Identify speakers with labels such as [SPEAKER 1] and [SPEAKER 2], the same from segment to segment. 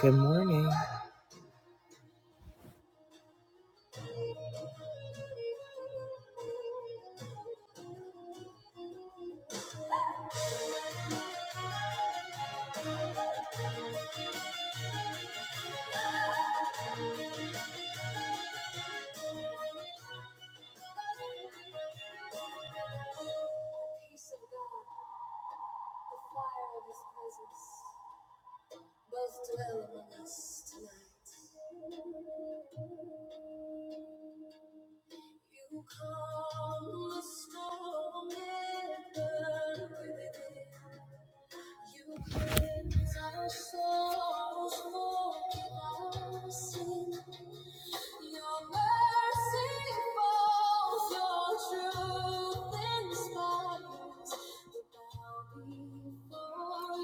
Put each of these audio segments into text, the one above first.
[SPEAKER 1] Good morning.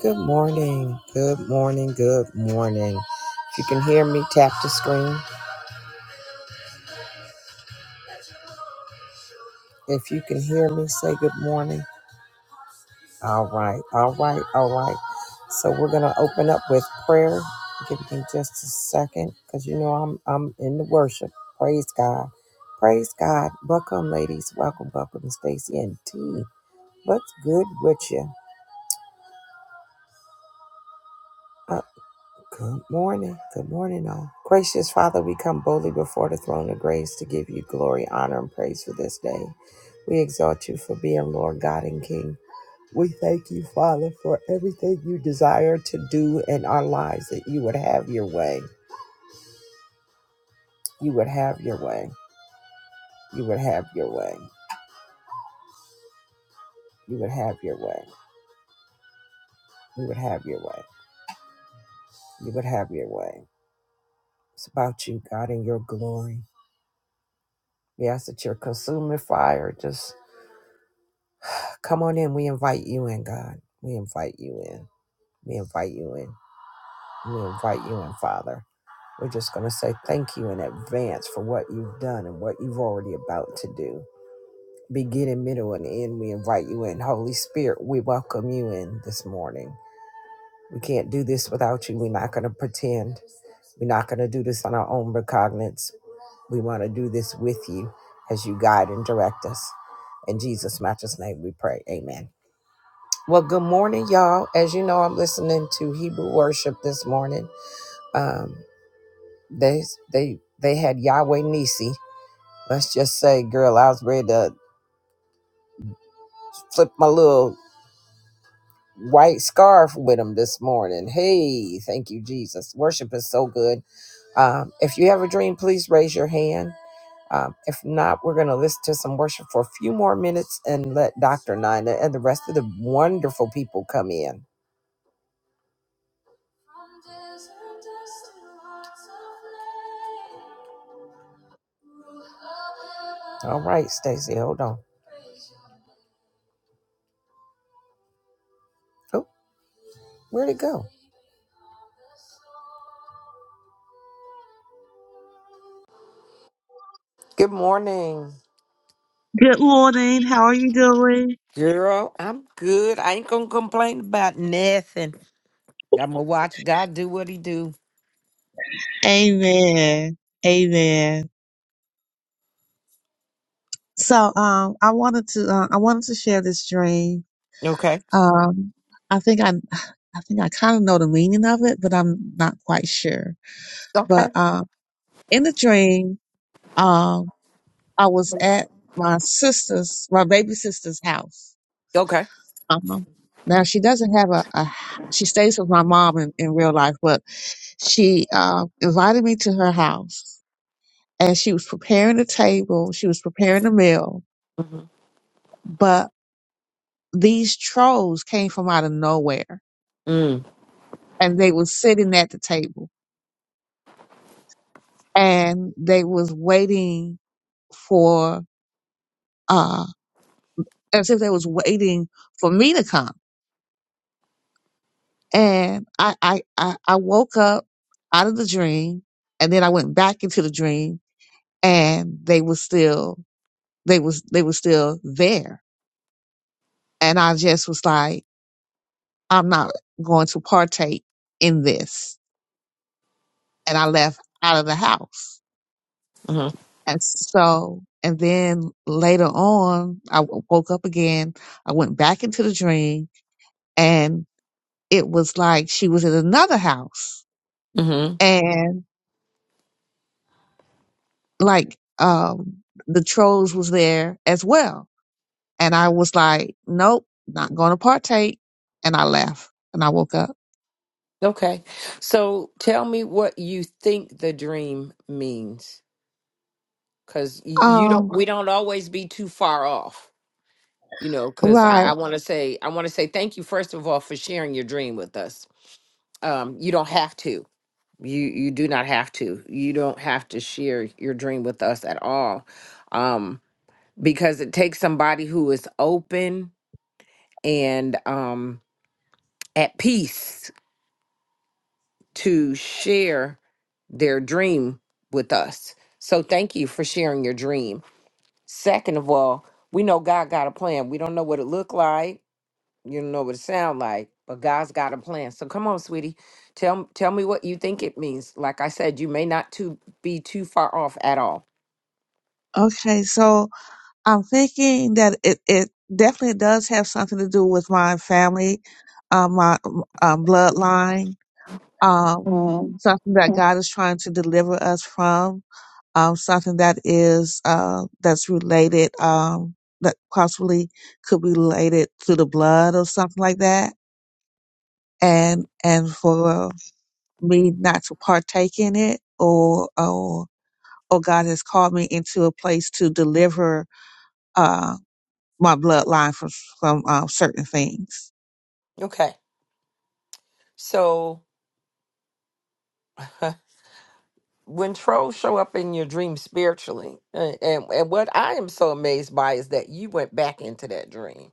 [SPEAKER 1] Good morning. Good morning. Good morning. If you can hear me, tap the screen. If you can hear me, say good morning. All right, all right, all right. So we're gonna open up with prayer. Give me just a second, cause you know I'm I'm in the worship. Praise God, praise God. Welcome, ladies. Welcome, welcome, Stacy and T. What's good with you? Uh, good morning, good morning, all. Gracious Father, we come boldly before the throne of grace to give you glory, honor, and praise for this day. We exalt you for being Lord God and King. We thank you, Father, for everything you desire to do in our lives, that you would have your way. You would have your way. You would have your way. You would have your way. You would have your way. You would have your way. It's about you, God, and your glory. We ask that your consuming fire just come on in. We invite you in, God. We invite you in. We invite you in. We invite you in, Father. We're just going to say thank you in advance for what you've done and what you've already about to do. beginning, middle, and end. We invite you in. Holy Spirit, we welcome you in this morning. We can't do this without you. We're not going to pretend. We're not going to do this on our own recognizance. We want to do this with you as you guide and direct us. In Jesus' matchless name, we pray. Amen. Well, good morning, y'all. As you know, I'm listening to Hebrew worship this morning. Um, they they they had Yahweh Nisi. Let's just say, girl, I was ready to flip my little white scarf with him this morning. Hey, thank you, Jesus. Worship is so good. Um, if you have a dream, please raise your hand. Um, if not, we're going to listen to some worship for a few more minutes and let Dr. Nina and the rest of the wonderful people come in. All right, Stacy, hold on. Oh, where'd it go? Good morning,
[SPEAKER 2] Good morning. How are you doing?
[SPEAKER 1] girl. I'm good. I ain't gonna complain about nothing. I'm gonna watch God do what He do.
[SPEAKER 2] Amen. Amen. So, um, I wanted to, uh, I wanted to share this dream.
[SPEAKER 1] Okay.
[SPEAKER 2] Um, I think I, I think I kind of know the meaning of it, but I'm not quite sure.
[SPEAKER 1] Okay.
[SPEAKER 2] But, um, in the dream, um, I was at my sister's, my baby sister's house.
[SPEAKER 1] Okay.
[SPEAKER 2] Um, now she doesn't have a, a, she stays with my mom in, in real life, but she, uh, invited me to her house and she was preparing the table, she was preparing the meal,
[SPEAKER 1] Mm-hmm.
[SPEAKER 2] but these trolls came from out of nowhere and they was sitting at the table and they was waiting for uh as if they was waiting for me to come. And I I I, I woke up out of the dream and then I went back into the dream and they was still they was they was still there. And I just was like, I'm not going to partake in this and I left out of the house.
[SPEAKER 1] Mm-hmm.
[SPEAKER 2] And so, and then later on, I w- woke up again. I went back into the dream and it was like she was in another house
[SPEAKER 1] hmm
[SPEAKER 2] and like, um, the trolls was there as well. And I was like, nope, not going to partake. And I left and I woke up.
[SPEAKER 1] Okay. So tell me what you think the dream means, because you don't.
[SPEAKER 2] Um,
[SPEAKER 1] We don't always be too far off, you know. Because I,
[SPEAKER 2] right.
[SPEAKER 1] I want to say, I want to say thank you first of all for sharing your dream with us. Um, you don't have to. You you do not have to. You don't have to share your dream with us at all, um, because it takes somebody who is open and um at peace to share their dream with us. So thank you for sharing your dream. Second of all, we know God got a plan. We don't know what it looked like. You don't know what it sound like, but God's got a plan. So come on, sweetie, tell tell me what you think it means. Like I said, you may not too be too far off at all.
[SPEAKER 2] Okay. So. I'm thinking that it, it definitely does have something to do with my family, uh, my uh, bloodline, um, something that God is trying to deliver us from, um, something that is uh, that's related, um, that possibly could be related to the blood or something like that, and and for me not to partake in it, or or or God has called me into a place to deliver. uh, my bloodline from from um, certain things.
[SPEAKER 1] Okay, so when trolls show up in your dream spiritually, uh, and and what I am so amazed by is that you went back into that dream.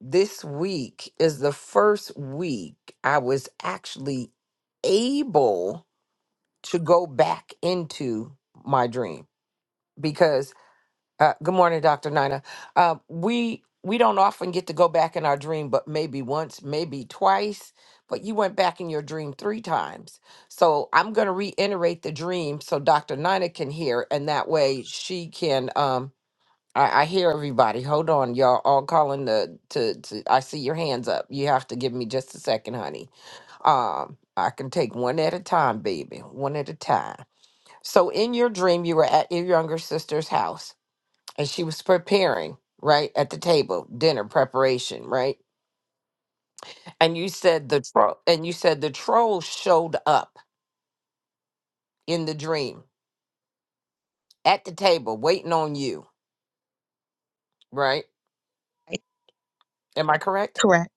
[SPEAKER 1] this week is the first week I was actually able to go back into my dream because uh, good morning dr nina uh, we we don't often get to go back in our dream but maybe once maybe twice but you went back in your dream three times so i'm going to reiterate the dream so dr nina can hear and that way she can Um, I, I hear everybody. Hold on, y'all. All calling the to, to. I see your hands up. You have to give me just a second, honey. Um, I can take one at a time, baby. One at a time. So, in your dream, you were at your younger sister's house, and she was preparing right at the table, dinner preparation, right? And you said the troll, and you said the troll showed up in the dream at the table, waiting on you, right? Am I correct?
[SPEAKER 2] Correct.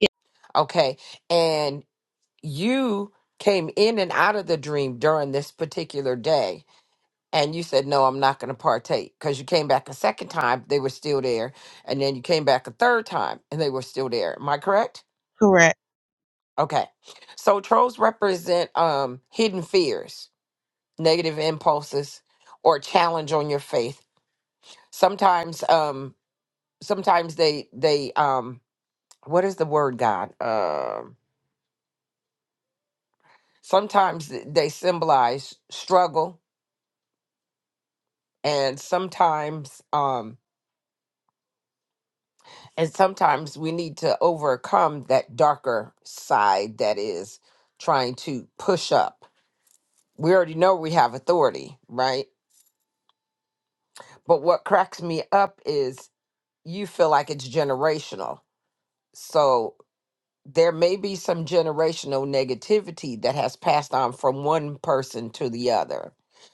[SPEAKER 2] Yeah.
[SPEAKER 1] Okay, you came in and out of the dream during this particular day and you said no i'm not going to partake because you came back a second time they were still there and then you came back a third time and they were still there am i correct
[SPEAKER 2] Correct.
[SPEAKER 1] okay so trolls represent um hidden fears negative impulses or challenge on your faith sometimes um sometimes they they um what is the word god um sometimes th- they symbolize struggle and sometimes um and sometimes we need to overcome that darker side that is trying to push up we already know we have authority right but what cracks me up is you feel like it's generational so there may be some generational negativity that has passed on from one person to the other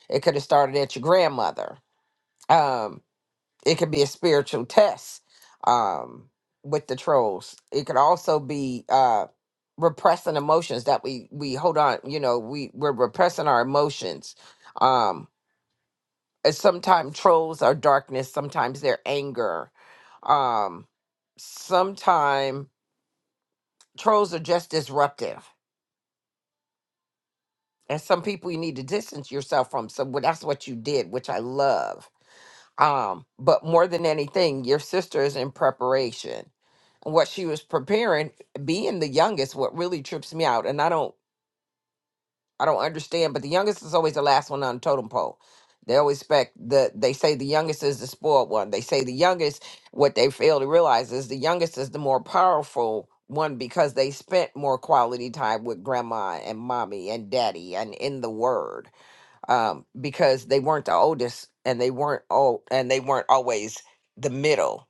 [SPEAKER 1] it could have started at your grandmother Um, it could be a spiritual test um with the trolls it could also be uh repressing emotions that we we hold on you know we we're repressing our emotions um and sometimes trolls are darkness sometimes they're anger um sometimes trolls are just disruptive and some people you need to distance yourself from so wh- that's what you did which i love um but more than anything your sister is in preparation what she was preparing being the youngest what really trips me out and i don't i don't understand but the youngest is always the last one on the totem pole they always expect the they say the youngest is the spoiled one they say the youngest what they fail to realize is the youngest is the more powerful one because they spent more quality time with grandma and mommy and daddy and in the word um because they weren't the oldest and they weren't old and they weren't always the middle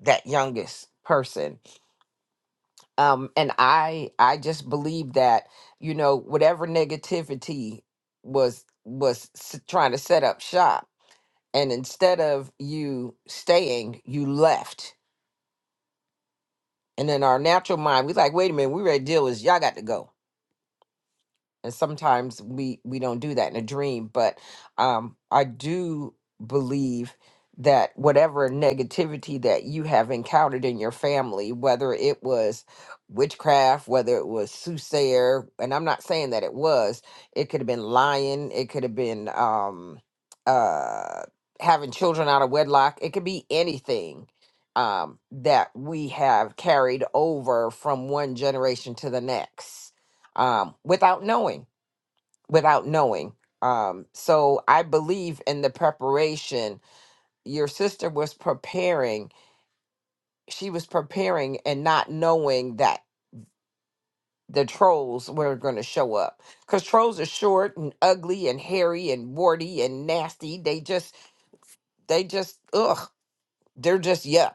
[SPEAKER 1] that youngest person um and i i just believe that you know whatever negativity was was s- trying to set up shop and instead of you staying you left and then our natural mind we like wait a minute we ready to deal with this. y'all got to go and sometimes we we don't do that in a dream but um i do believe that whatever negativity that you have encountered in your family whether it was witchcraft whether it was soothsayer and i'm not saying that it was it could have been lying it could have been um uh having children out of wedlock it could be anything um that we have carried over from one generation to the next um without knowing without knowing. Um, so I believe in the preparation. Your sister was preparing. She was preparing and not knowing that the trolls were going to show up. Because trolls are short and ugly and hairy and warty and nasty. They just, they just, ugh, they're just yuck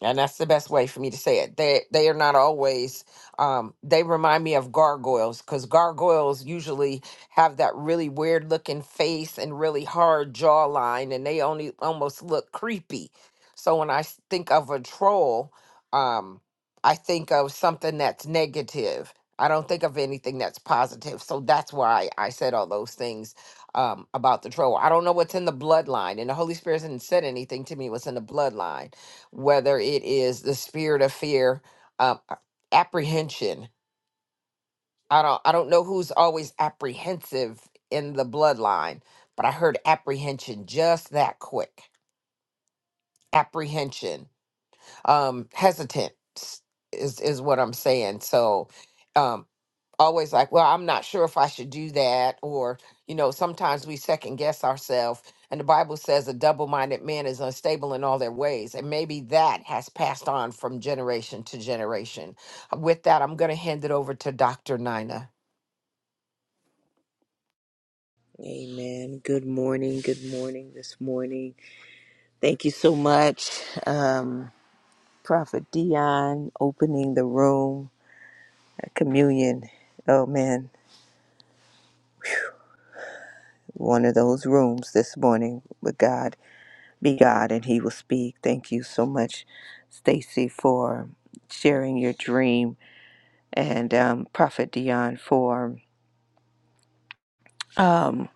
[SPEAKER 1] and that's the best way for me to say it. They they are not always. Um, they remind me of gargoyles because gargoyles usually have that really weird looking face and really hard jawline, and they only almost look creepy. So when I s- think of a troll, um, I think of something that's negative. I don't think of anything that's positive. So that's why I said all those things um, about the troll. I don't know what's in the bloodline, and the Holy Spirit hasn't said anything to me. What's in the bloodline? whether it is the spirit of fear, um, a- apprehension. I don't I don't know who's always apprehensive in the bloodline, but I heard apprehension just that quick. Apprehension, um, hesitant s- is is what I'm saying. So. um. always like, well, I'm not sure if I should do that. Or, you know, sometimes we second guess ourselves. And the Bible says a double minded man is unstable in all their ways. And maybe that has passed on from generation to generation. With that, I'm going to hand it over to Dr. Nina.
[SPEAKER 3] Amen. Good morning. Good morning this morning. Thank you so much, um, Prophet Dion, opening the room, uh, communion. Oh man, one of those rooms this morning with God. Be God and He will speak. Thank you so much, Stacy, for sharing your dream, and um, Prophet Dion for um,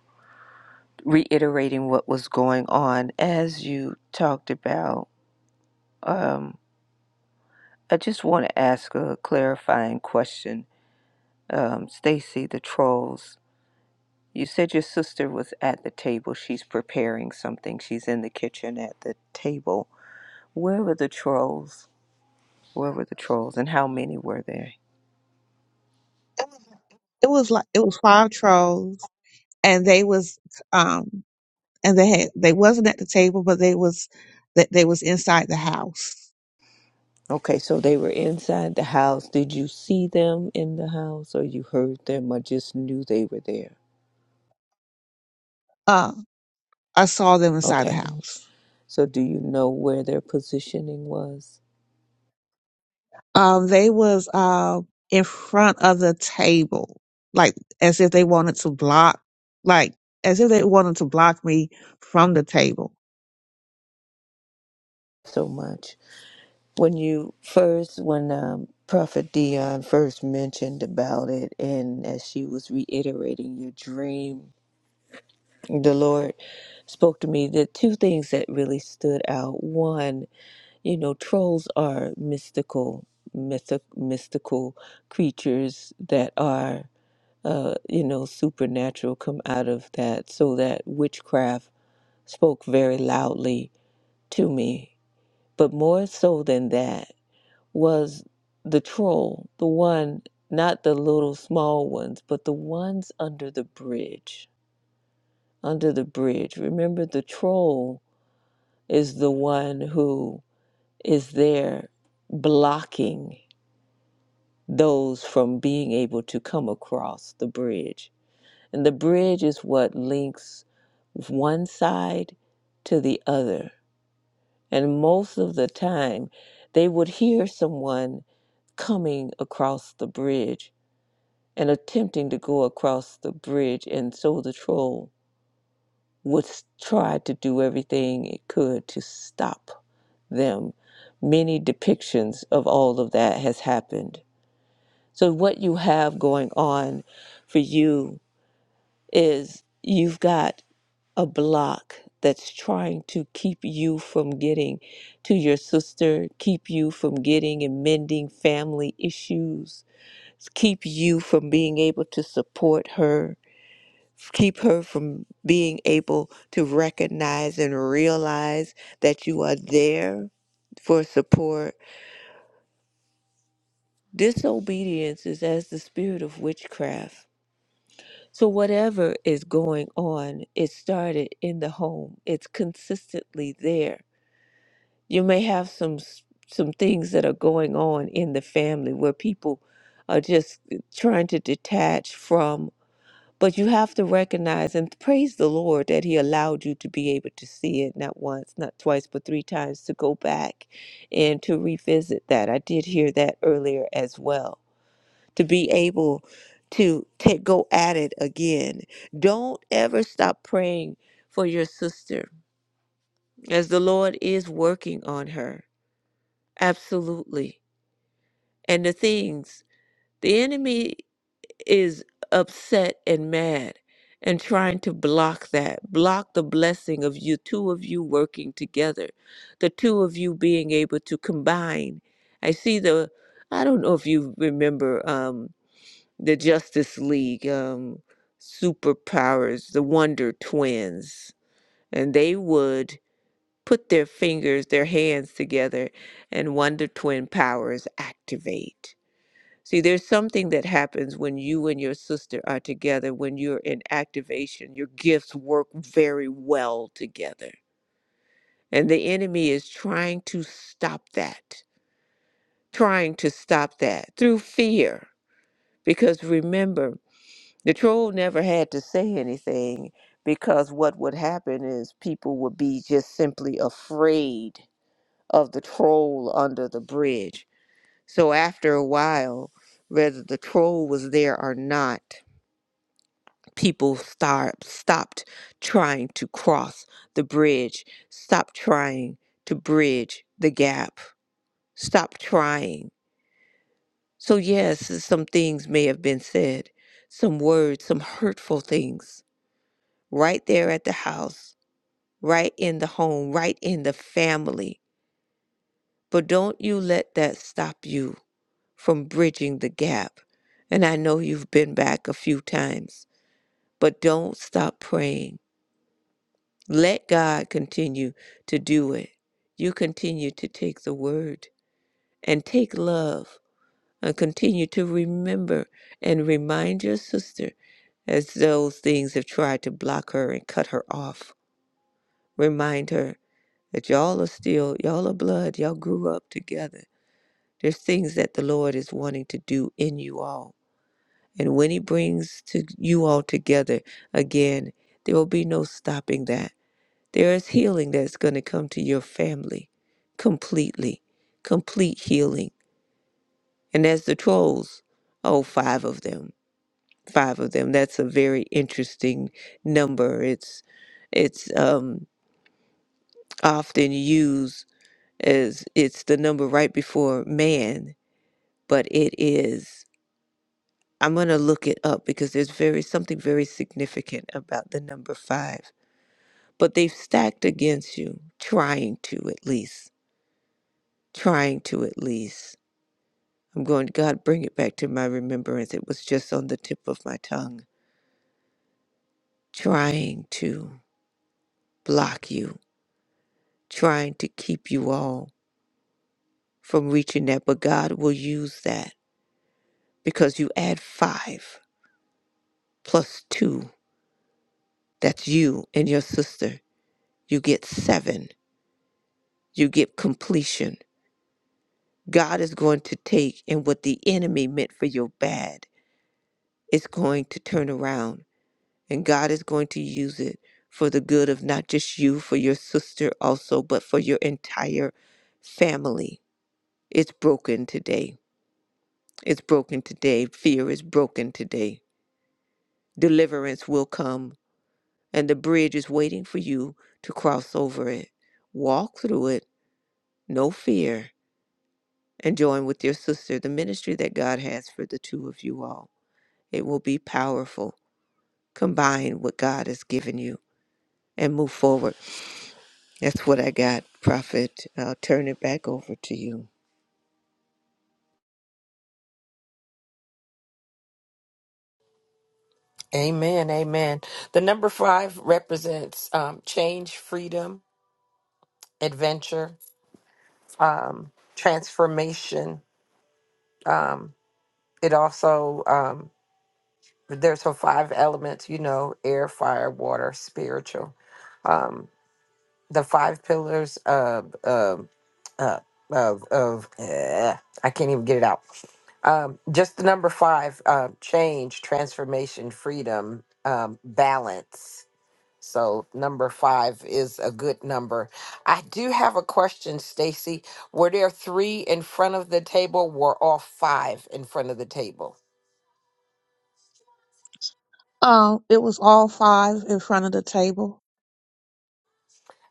[SPEAKER 3] reiterating what was going on as you talked about. Um, I just want to ask a clarifying question. Um, Stacy, the trolls, you said your sister was at the table. She's preparing something. She's in the kitchen at the table. Where were the trolls? Where were the trolls and how many were there?
[SPEAKER 2] It was like it was five trolls, and they was um and they had they wasn't at the table, but they was that they, was inside the house.
[SPEAKER 3] Okay, so they were inside the house. Did you see them in the house or you heard them or just knew they were there?
[SPEAKER 2] Uh, I saw them inside the
[SPEAKER 3] Okay,
[SPEAKER 2] house.
[SPEAKER 3] so do you know where their positioning was
[SPEAKER 2] Um, they was uh in front of the table, like as if they wanted to block, like as if they wanted to block me from the table.
[SPEAKER 3] so much? when you first when um, prophet dion first mentioned about it and as she was reiterating your dream the lord spoke to me the two things that really stood out one you know trolls are mystical mythi- mystical creatures that are uh, you know supernatural come out of that so that witchcraft spoke very loudly to me but more so than that was the troll, the one, not the little small ones, but the ones under the bridge. Under the bridge. Remember, the troll is the one who is there blocking those from being able to come across the bridge. And the bridge is what links one side to the other. And most of the time, they would hear someone coming across the bridge and attempting to go across the bridge, and so the troll would try to do everything it could to stop them. Many depictions of all of that has happened. So what you have going on for you is you've got a block that's trying to keep you from getting to your sister, keep you from getting and mending family issues, keep you from being able to support her keep her from being able to recognize and realize that you are there for support. Disobedience is as the spirit of witchcraft. So, whatever is going on, it started in the home, it's consistently there. You may have some s- some things that are going on in the family where people are just trying to detach from But you have to recognize and praise the Lord that He allowed you to be able to see it not once, not twice, but three times to go back and to revisit that. I did hear that earlier as well. To be able to take, go at it again. Don't ever stop praying for your sister as the Lord is working on her. Absolutely. And the things, the enemy. is upset and mad and trying to block that, block the blessing of you, two of you working together, the two of you being able to combine. I see the, I don't know if you remember um, the Justice League um, superpowers, the Wonder Twins, and they would put their fingers, their hands together, and Wonder Twin powers activate See, there's something that happens when you and your sister are together, when you're in activation. Your gifts work very well together. And the enemy is trying to stop that, trying to stop that through fear. Because remember, the troll never had to say anything because what would happen is people would be just simply afraid of the troll under the bridge. So after a while, whether the troll was there or not, people start stopped trying to cross the bridge stop trying to bridge the gap stop trying so yes some things may have been said some words some hurtful things right there at the house right in the home right in the family but don't you let that stop you from bridging the gap and i know you've been back a few times but don't stop praying Let God continue to do it. You continue to take the word and take love and continue to remember and remind your sister as those things have tried to block her and cut her off. Remind her that y'all are still, y'all are blood, y'all grew up together. There's things that the Lord is wanting to do in you all. And when He brings to you all together again, there will be no stopping that There is healing that's going to come to your family completely, complete healing. And as the trolls, oh, five of them, five of them. That's a very interesting number. It's it's um, often used as it's the number right before man, but it is. I'm going to look it up because there's very something very significant about the number five. But they've stacked against you, trying to at least, trying to at least. I'm going, God, bring it back to my remembrance. It was just on the tip of my tongue, trying to block you, trying to keep you all from reaching that. But God will use that because you add five plus two. That's you and your sister. You get seven. You get completion. God is going to take, and what the enemy meant for your bad is going to turn around and God is going to use it for the good of not just you, for your sister also, but for your entire family. It's broken today. It's broken today. Fear is broken today. Deliverance will come, and the bridge is waiting for you to cross over it. Walk through it, no fear, and join with your sister the ministry that God has for the two of you all. It will be powerful. Combine what God has given you and move forward That's what I got, Prophet. I'll turn it back over to you.
[SPEAKER 1] Amen. Amen. The number five represents um, change, freedom, adventure, um, transformation. Um, it also. um, there's her five elements you know air fire water spiritual um the five pillars of of uh, of of eh, i can't even get it out um just the number five uh change transformation freedom um balance so number five is a good number i do have a question stacy were there three in front of the table were all five in front of the table
[SPEAKER 2] Um, it was all five in front of the table.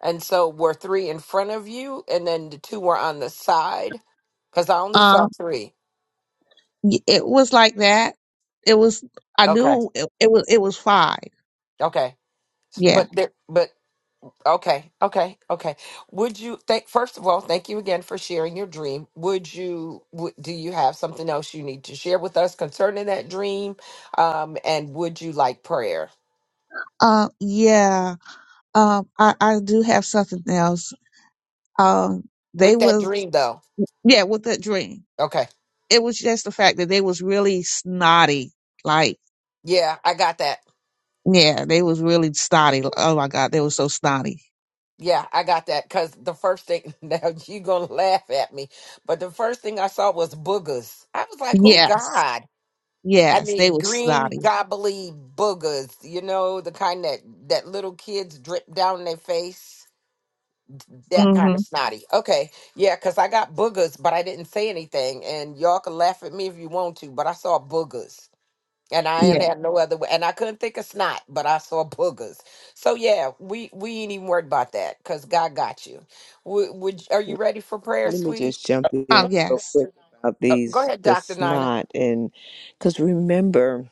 [SPEAKER 1] And so were three in front of you, and then the two were on the side? Because I only
[SPEAKER 2] Um,
[SPEAKER 1] saw three.
[SPEAKER 2] Y- It was like that. It was. I
[SPEAKER 1] Okay,
[SPEAKER 2] knew it, it was. It was five.
[SPEAKER 1] okay, S-
[SPEAKER 2] Yeah.
[SPEAKER 1] but there, but okay, okay, okay. Would you thank? First of all, thank you again for sharing your dream. Would you? Would, do you have something else you need to share with us concerning that dream? Um, and would you like prayer
[SPEAKER 2] Uh, yeah. Um, I I do have something else. Um, they
[SPEAKER 1] with that
[SPEAKER 2] was
[SPEAKER 1] dream though?
[SPEAKER 2] yeah with that dream.
[SPEAKER 1] Okay,
[SPEAKER 2] It was just the fact that they was really snotty. Like
[SPEAKER 1] yeah, I got that.
[SPEAKER 2] yeah, they was really snotty. Oh my God, they were so snotty.
[SPEAKER 1] Yeah, I got that because the first thing now you gonna laugh at me, but the first thing I saw was boogers. I was like, oh
[SPEAKER 2] Yes.
[SPEAKER 1] God. I
[SPEAKER 2] Yes, they
[SPEAKER 1] mean,
[SPEAKER 2] was
[SPEAKER 1] green
[SPEAKER 2] snotty.
[SPEAKER 1] gobbly boogers, you know, the kind that that little kids drip down their face. That kind of
[SPEAKER 2] Mm-hmm.
[SPEAKER 1] snotty. Okay, yeah, because I got boogers, but I didn't say anything, and y'all can laugh at me if you want to, but I saw boogers and I ain't
[SPEAKER 2] Yeah.
[SPEAKER 1] had no other way. And I couldn't think of snot, but I saw boogers. So yeah, we we ain't even worried about that because God got you. Would, would are you ready for prayer,
[SPEAKER 3] Let me
[SPEAKER 1] sweetie?
[SPEAKER 3] just jump in
[SPEAKER 2] Um.
[SPEAKER 3] real
[SPEAKER 2] Yes.
[SPEAKER 3] quick about
[SPEAKER 1] Uh, go
[SPEAKER 3] these
[SPEAKER 1] ahead,
[SPEAKER 3] the
[SPEAKER 1] Doctor Nina.
[SPEAKER 3] snot and because remember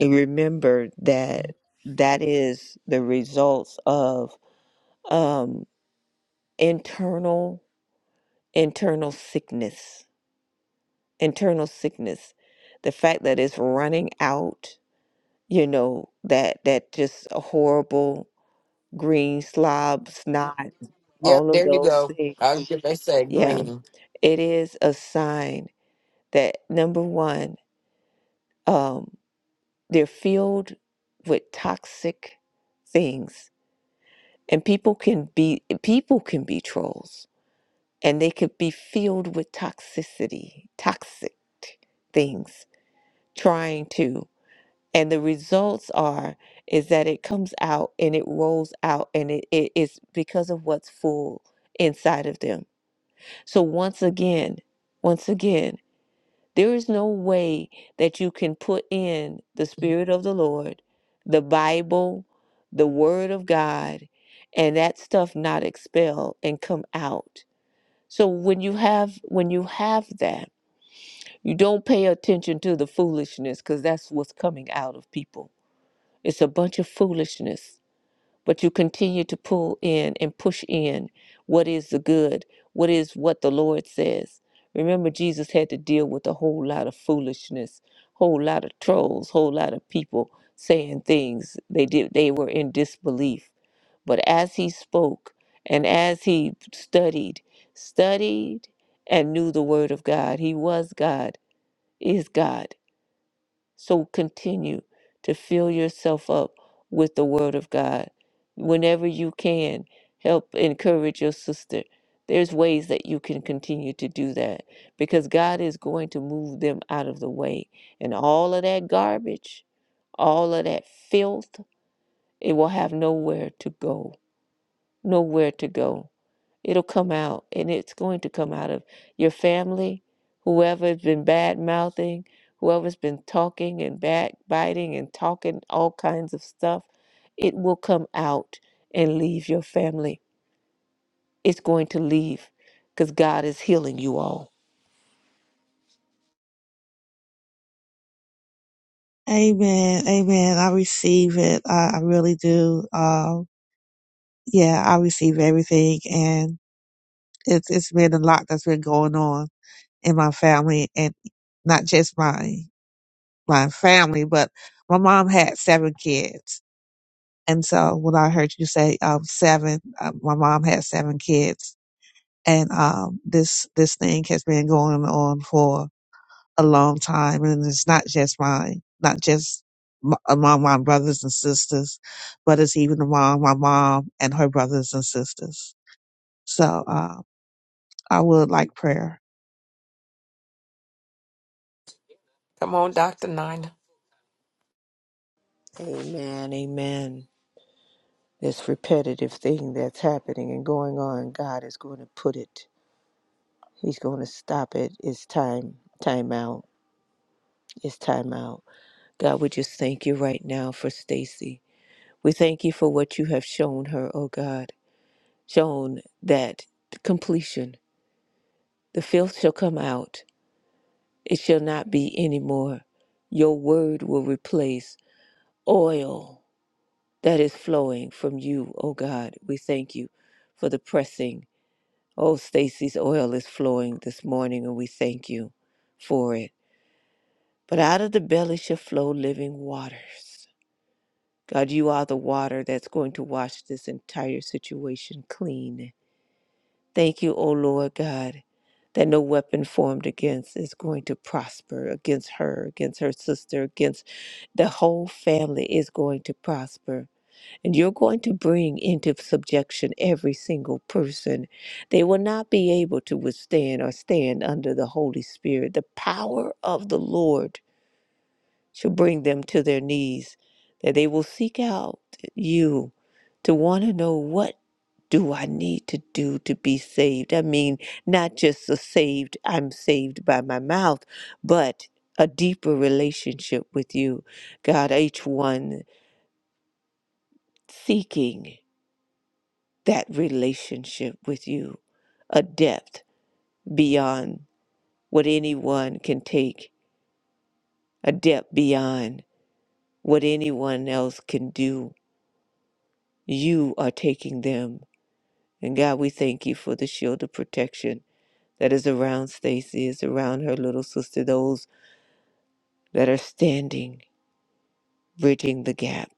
[SPEAKER 3] and remember that that is the results of um internal internal sickness internal sickness the fact that it's running out you know that that just a horrible green slob snot
[SPEAKER 1] Yep,
[SPEAKER 3] all of
[SPEAKER 1] there you
[SPEAKER 3] those
[SPEAKER 1] go. I
[SPEAKER 3] things
[SPEAKER 1] was they say
[SPEAKER 3] yeah.
[SPEAKER 1] green.
[SPEAKER 3] It is a sign that number one, um, they're filled with toxic things, and people can be people can be trolls, and they could be filled with toxicity, toxic things, trying to. And the results are is that it comes out and it rolls out, and it, it is because of what's full inside of them. So once again, once again. There is no way that you can put in the Spirit of the Lord, the Bible, the Word of God, and that stuff not expel and come out. So when you have when you have that, you don't pay attention to the foolishness because that's what's coming out of people. It's a bunch of foolishness but you continue to pull in and push in what is the good, what is what the Lord says. Remember, Jesus had to deal with a whole lot of foolishness, whole lot of trolls, whole lot of people saying things they did they were in disbelief. But as he spoke and as he studied, studied and knew the word of God, he was God, is God so continue to fill yourself up with the Word of God. Whenever you can, help encourage your sister. There's ways that you can continue to do that because God is going to move them out of the way. And all of that garbage, all of that filth, it will have nowhere to go. Nowhere to go. It'll come out, and it's going to come out of your family, whoever's been bad mouthing, whoever's been talking and backbiting and talking all kinds of stuff. It will come out and leave your family. It's going to leave because God is healing you all.
[SPEAKER 2] Amen. Amen. I receive it. I, I really do. Um. yeah, I receive everything, and it's it's been a lot that's been going on in my family, and not just my my family, but my mom had seven kids, and so when I heard you say um seven, uh, my mom had seven kids, and um this this thing has been going on for a long time, and it's not just mine, not just m- among my brothers and sisters, but it's even among my mom and her brothers and sisters. So, Um, I would like prayer.
[SPEAKER 1] Come on, Doctor Nina.
[SPEAKER 3] Amen. Amen. This repetitive thing that's happening and going on, God is going to put it. He's going to stop it. It's time. Time out. It's time out. God, we just thank you right now for Stacy. We thank you for what you have shown her, oh God. Shown that completion, the filth shall come out. It shall not be any more. Your word will replace oil that is flowing from you, oh God. We thank you for the pressing. Oh, Stacy's oil is flowing this morning, and we thank you for it. But out of the belly shall flow living waters. God, you are the water that's going to wash this entire situation clean. Thank you, O Lord God, that no weapon formed against is going to prosper against her, against her sister, against the whole family is going to prosper. And you're going to bring into subjection every single person. They will not be able to withstand or stand under the Holy Spirit, the power of the Lord shall bring them to their knees, that they will seek out you to want to know what do I need to do to be saved? I mean, not just a saved, I'm saved by my mouth, but a deeper relationship with you. God, each one seeking that relationship with you, a depth beyond what anyone can take, a depth beyond what anyone else can do you are taking them. And God, we thank you for the shield of protection that is around Stacy, is around her little sister, those that are standing, bridging the gap.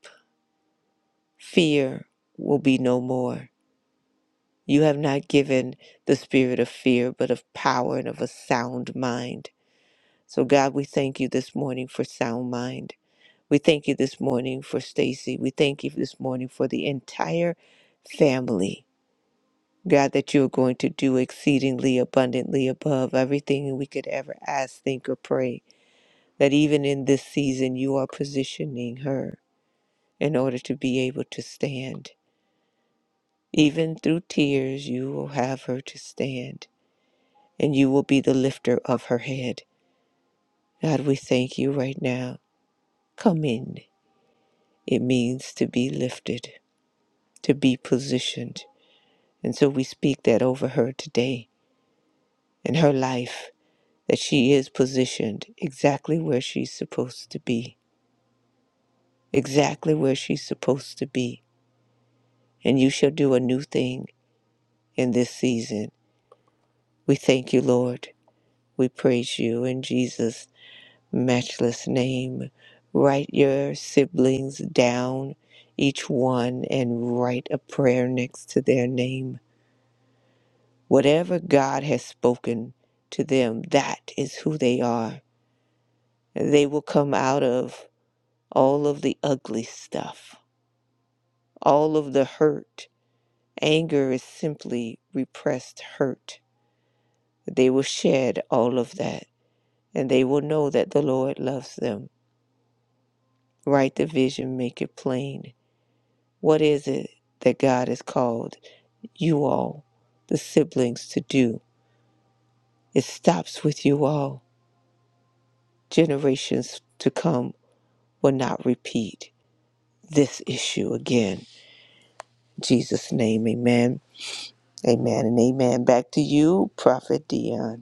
[SPEAKER 3] Fear will be no more. You have not given the spirit of fear, but of power and of a sound mind. So, God, we thank you this morning for sound mind. We thank you this morning for Stacy. We thank you this morning for the entire family God, that you are going to do exceedingly abundantly above everything we could ever ask, think, or pray. That even in this season, you are positioning her in order to be able to stand. Even through tears, you will have her to stand, and you will be the lifter of her head. God, we thank you right now. Come in. It means to be lifted, to be positioned. And so we speak that over her today in her life that she is positioned exactly where she's supposed to be, exactly where she's supposed to be. And you shall do a new thing in this season. We thank you, Lord. We praise you in Jesus' matchless name. Write your siblings down, each one, and write a prayer next to their name. Whatever God has spoken to them, that is who they are. They will come out of all of the ugly stuff All of the hurt, anger is simply repressed hurt. They will shed all of that and they will know that the Lord loves them. Write the vision, make it plain. What is it that God has called you all, the siblings, to do? It stops with you all. Generations to come will not repeat this issue again. In Jesus' name, amen. Amen and amen. Back to you, Prophet Dion.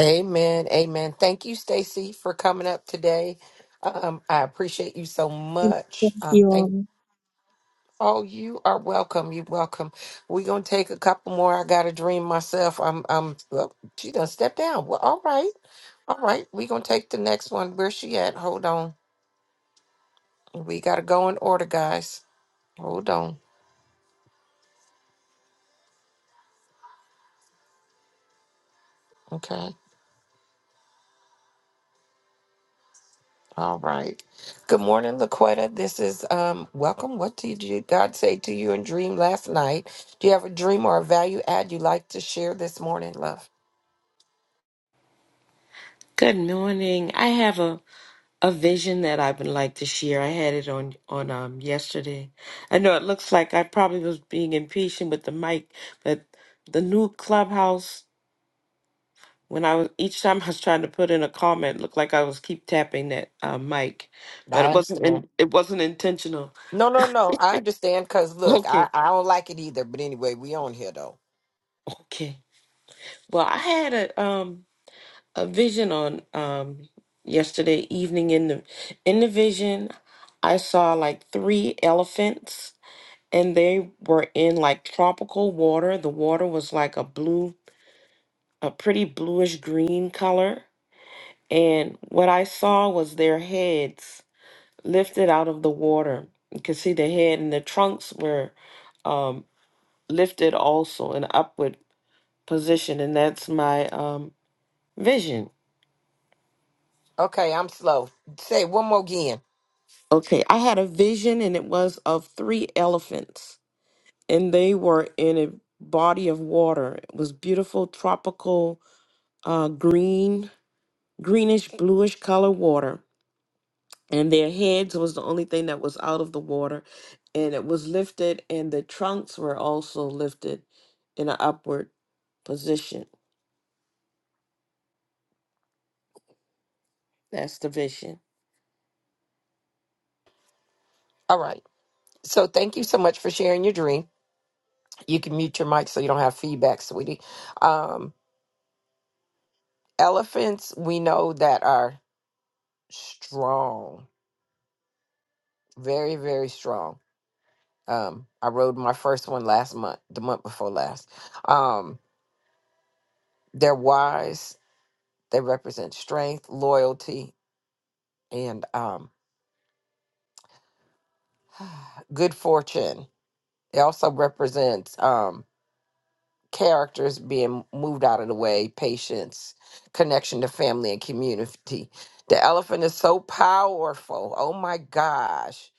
[SPEAKER 1] Amen. Amen. Thank you, Stacy, for coming up today. Um, I appreciate you so much.
[SPEAKER 2] Thank
[SPEAKER 1] Um,
[SPEAKER 2] you
[SPEAKER 1] thank
[SPEAKER 2] all.
[SPEAKER 1] Oh, you are welcome. You welcome. We're gonna take a couple more. I got a dream myself. I'm I'm well, she done stepped down. Well, all right. All right. We're gonna take the next one. Where's she at? Hold on. We gotta go in order, guys. Hold on. Okay. All right. Good morning, Laquetta. This is um welcome. What did you God say to you in dream last night? Do you have a dream or a value add you'd like to share this morning, love?
[SPEAKER 4] Good morning. I have a, a vision that I would like to share. I had it on on um yesterday. I know it looks like I probably was being impatient with the mic, but the new clubhouse when I was each time I was trying to put in a comment, it looked like I was keep tapping that uh, mic, but
[SPEAKER 1] I
[SPEAKER 4] it wasn't
[SPEAKER 1] understand.
[SPEAKER 4] in, it wasn't intentional.
[SPEAKER 1] No, no, no. I understand because look, I,
[SPEAKER 4] Okay,
[SPEAKER 1] I don't like it either. But anyway, we on here though.
[SPEAKER 4] okay. Well, I had a um a vision on um yesterday evening in the in the vision I saw like three elephants and they were in like tropical water. The water was like a blue a pretty bluish green color and what I saw was their heads lifted out of the water. You could see the head and the trunks were um lifted also in upward position and that's my um vision
[SPEAKER 1] Okay, I'm slow. Say it one more again.
[SPEAKER 4] Okay, I had a vision and it was of three elephants, and they were in a body of water. It was beautiful, tropical, uh, green, greenish, bluish color water, and their heads was the only thing that was out of the water, and it was lifted, and the trunks were also lifted in an upward position. That's the vision.
[SPEAKER 1] All right. So thank you so much for sharing your dream. You can mute your mic so you don't have feedback, sweetie. Um, elephants, we know that are strong, very, very strong. Um, I rode my first one last month, the month before last. Um, they're wise. They represent strength, loyalty, and um, good fortune It also represents um, characters being moved out of the way, patience, connection to family and community. The elephant is so powerful. Oh my gosh.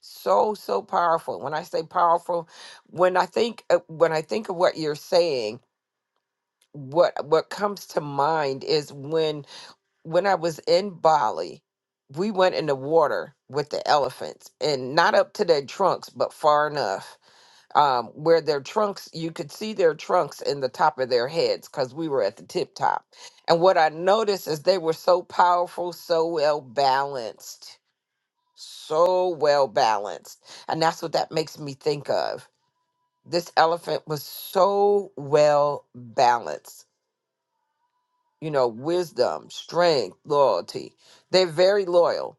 [SPEAKER 1] So so powerful. When I say powerful, when I think uh, when I think of what you're saying, what what comes to mind is when when I was in Bali, we went in the water with the elephants and not up to their trunks, but far enough um, where their trunks, you could see their trunks in the top of their heads because we were at the tip top. And what I noticed is they were so powerful, so well balanced, so well balanced. And that's what that makes me think of. This elephant was so well balanced. You know, wisdom, strength, loyalty. They're very loyal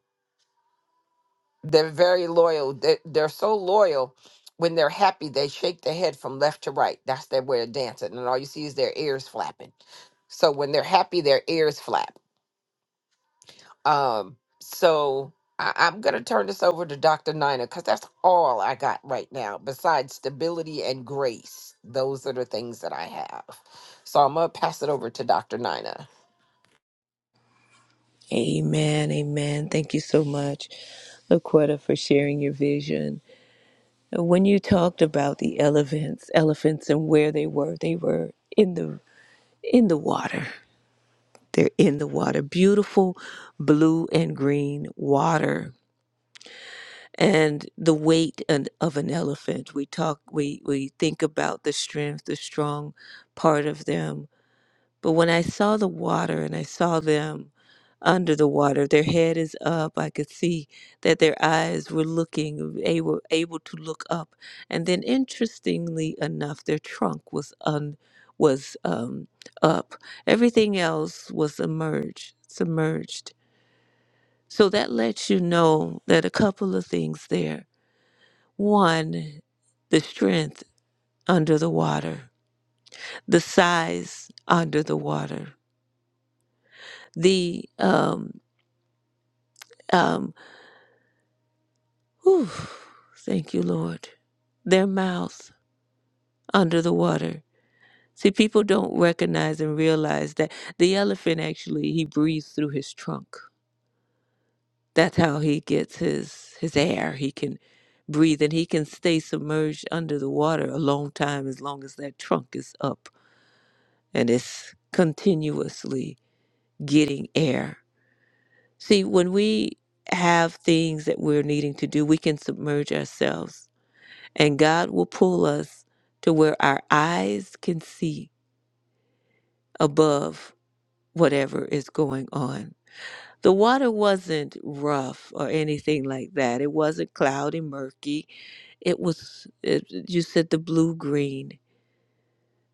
[SPEAKER 1] They're very loyal. They, they're so loyal. When they're happy, they shake their head from left to right. That's their way of dancing, and all you see is their ears flapping. So when they're happy, their ears flap. Um, so I, I'm gonna turn this over to Dr. Nina because that's all I got right now. Besides stability and grace, those are the things that I have. So I'm gonna pass it over to Dr. Nina.
[SPEAKER 3] Amen. Amen. Thank you so much, Laquetta, for sharing your vision. And When you talked about the elephants, elephants and where they were, they were in the in the water. They're in the water. Beautiful blue and green water. And the weight and- of an elephant. We talk we, we think about the strength, the strong part of them But when I saw the water and I saw them under the water, their head is up. I could see that their eyes were looking, they were able to look up. And then, interestingly enough, their trunk was un was um, up. Everything else was emerged, submerged. So that lets you know that a couple of things there. One, the strength under the water, the size under the water, the um, Um, whew, thank you, Lord. Their mouth under the water. See, people don't recognize and realize that the elephant actually he breathes through his trunk. That's how he gets his his air. He can breathe and he can stay submerged under the water a long time as long as that trunk is up and it's continuously getting air. See, when we have things that we're needing to do, we can submerge ourselves And God will pull us to where our eyes can see above whatever is going on. The water wasn't rough or anything like that. It wasn't cloudy, murky. It was, it, you said, the blue green.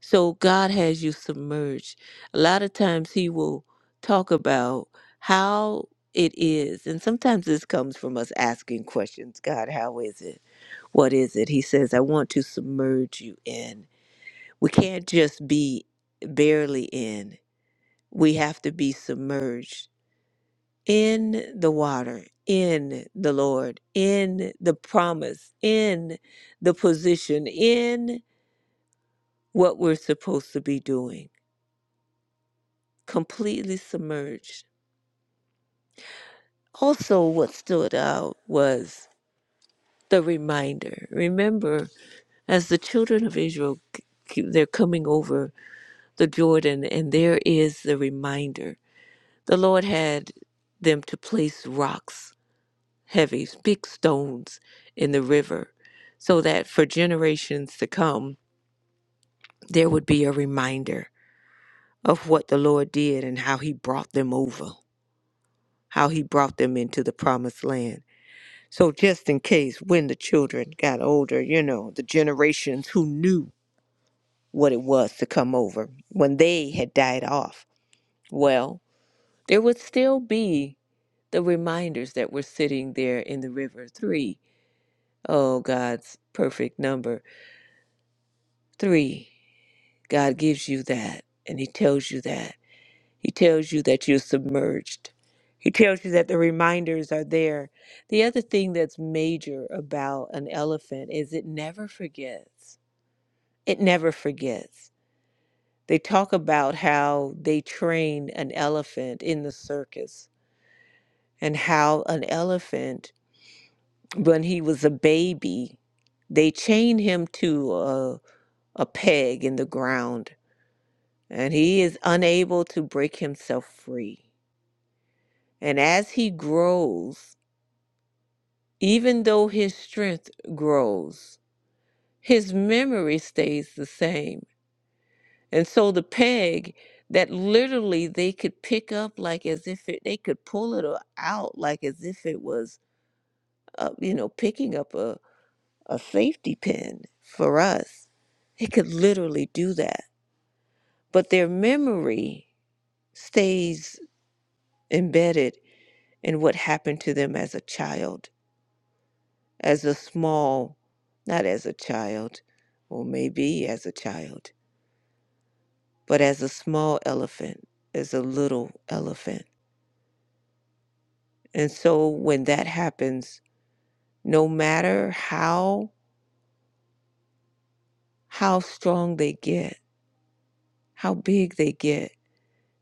[SPEAKER 3] So God has you submerged. A lot of times He will talk about how it is. And sometimes this comes from us asking questions God, how is it? What is it? He says, I want to submerge you in. We can't just be barely in. We have to be submerged in the water, in the Lord, in the promise, in the position, in what we're supposed to be doing. Completely submerged. Also, what stood out was the reminder. Remember, as the children of Israel, c- c- they're coming over the Jordan, and there is the reminder The Lord had them to place rocks, heavy, big stones in the river, so that for generations to come, there would be a reminder of what the Lord did and how He brought them over, how He brought them into the promised land. So, just in case when the children got older, you know, the generations who knew what it was to come over, when they had died off, well, there would still be the reminders that were sitting there in the river. Three Oh, God's perfect number. Three, God gives you that, and He tells you that. He tells you that you're submerged. He tells you that the reminders are there. The other thing that's major about an elephant is it never forgets. It never forgets. They talk about how they train an elephant in the circus and how an elephant, when he was a baby, they chained him to a, a peg in the ground and he is unable to break himself free. And as he grows, even though his strength grows, his memory stays the same. And so the peg that literally they could pick up like as if it, they could pull it out like as if it was, uh, you know, picking up a, a safety pin for us. They could literally do that. But their memory stays embedded and what happened to them as a child, as a small, not as a child, or maybe as a child, but as a small elephant, as a little elephant. And so when that happens, no matter how how strong they get, how big they get,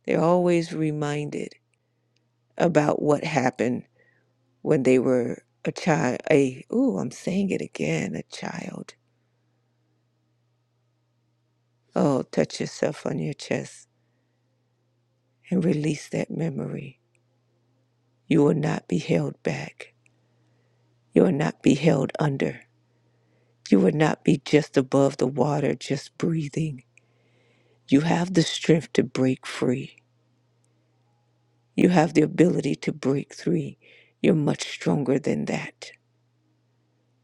[SPEAKER 3] they're always reminded about what happened when they were a child. A ooh, I'm saying it again, a child. Oh, touch yourself on your chest and release that memory. You will not be held back. You will not be held under. You will not be just above the water, just breathing. You have the strength to break free. You have the ability to break free. You're much stronger than that.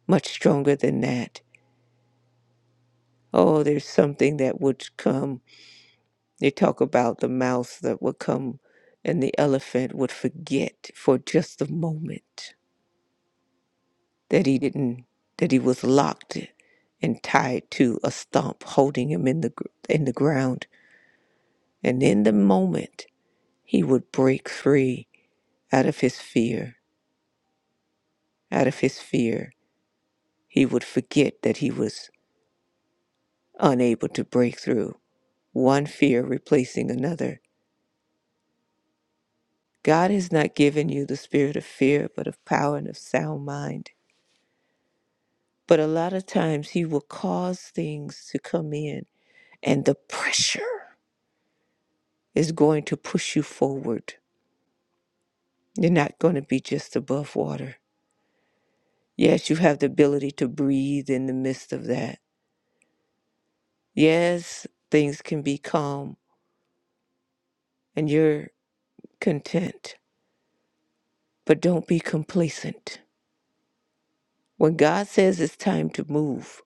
[SPEAKER 3] Much stronger than that. Oh, there's something that would come. They talk about the mouse that would come and the elephant would forget for just a moment that he didn't that he was locked and tied to a stump holding him in the gr- in the ground and in the moment he would break free out of his fear out of his fear he would forget that he was unable to break through one fear replacing another god has not given you the spirit of fear but of power and of sound mind but a lot of times he will cause things to come in and the pressure is going to push you forward. You're not going to be just above water. Yes, you have the ability to breathe in the midst of that. Yes, things can be calm and you're content, but don't be complacent. When God says it's time to move,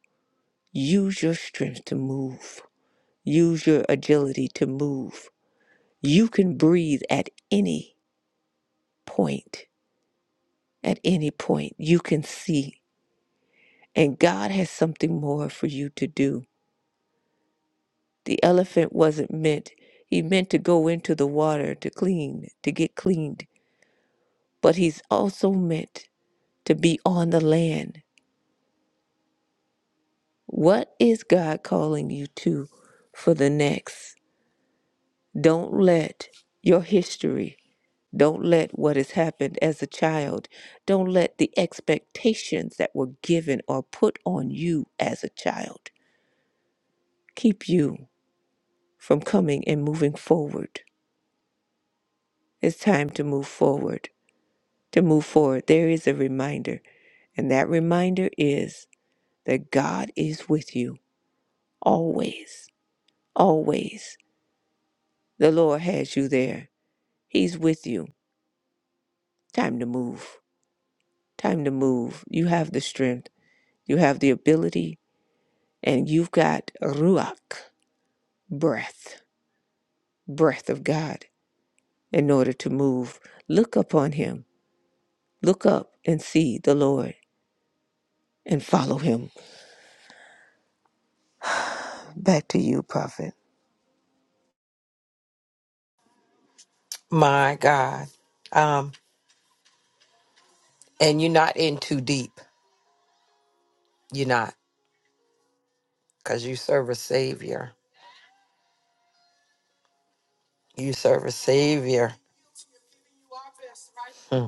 [SPEAKER 3] use your strength to move, use your agility to move. You can breathe at any point. At any point, you can see. And God has something more for you to do. The elephant wasn't meant. He meant to go into the water to clean, to get cleaned, but he's also meant to be on the land. What is God calling you to for the next? Don't let your history, don't let what has happened as a child, don't let the expectations that were given or put on you as a child keep you from coming and moving forward. It's time to move forward. to move forward, there is a reminder. And that reminder is that God is with you always, always. The Lord has you there, He's with you. Time to move. Time to move. You have the strength, you have the ability, and you've got Ruach, breath, breath of God in order to move. Look upon Him. Look up and see the Lord and follow Him. Back to you, Prophet.
[SPEAKER 1] My God. Um, and you're not in too deep. You're not, because you serve a savior. You serve a Savior hmm,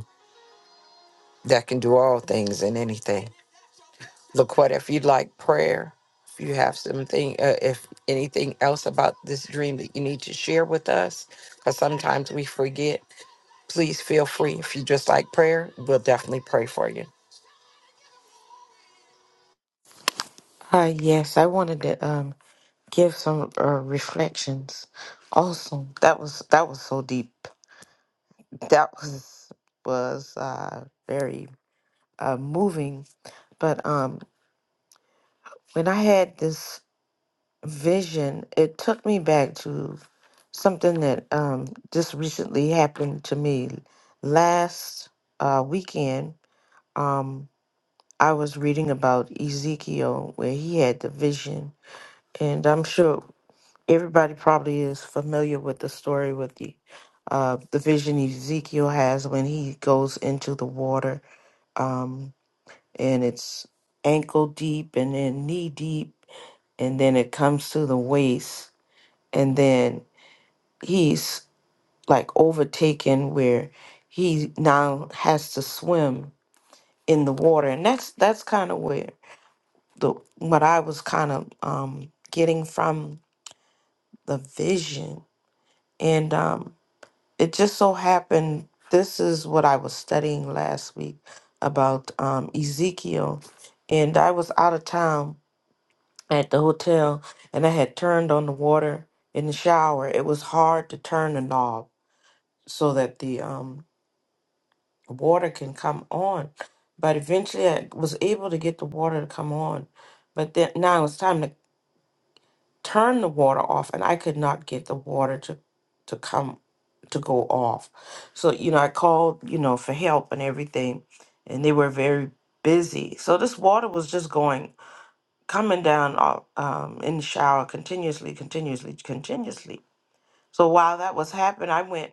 [SPEAKER 1] that can do all things and anything. Look what if you'd like prayer, if you have something, uh, if anything else about this dream that you need to share with us, because sometimes we forget. Please feel free. If you just like prayer, we'll definitely pray for you.
[SPEAKER 4] Uh, yes, I wanted to um give some uh, reflections. Awesome. That was that was so deep. that was was uh, very uh, moving. But um, when I had this vision, it took me back to something that um, just recently happened to me last uh, weekend. Um, I was reading about Ezekiel where he had the vision, and I'm sure everybody probably is familiar with the story with the uh, the vision Ezekiel has when he goes into the water. Um, and it's ankle deep and then knee deep and then it comes to the waist and then he's like overtaken where he now has to swim in the water and that's that's kind of where the what I was kind of um getting from the vision and um it just so happened this is what I was studying last week about um Ezekiel and I was out of town at the hotel and I had turned on the water in the shower, it was hard to turn the knob so that the um, water can come on. But eventually I was able to get the water to come on. But then now it was time to turn the water off and I could not get the water to, to come to go off. So, you know, I called, you know, for help and everything and they were very busy. So this water was just going coming down all, um, in the shower continuously, continuously, continuously. So while that was happening, I went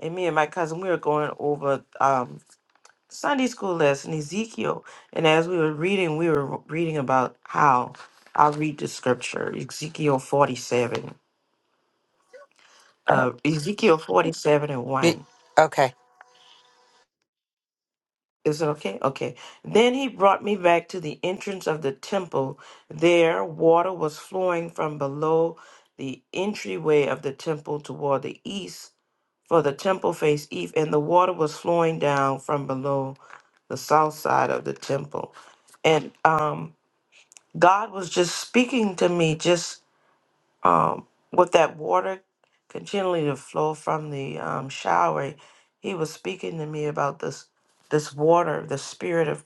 [SPEAKER 4] and me and my cousin, we were going over um, Sunday school lesson, Ezekiel. And as we were reading, we were reading about how I'll read the scripture, Ezekiel 47, uh, Ezekiel 47 and 1.
[SPEAKER 1] Y- Okay.
[SPEAKER 4] Is it okay? Okay. Then he brought me back to the entrance of the temple. There, water was flowing from below the entryway of the temple toward the east, for the temple faced east, and the water was flowing down from below the south side of the temple. And um, God was just speaking to me, just um, with that water continually to flow from the um, shower. He was speaking to me about this this water, the spirit of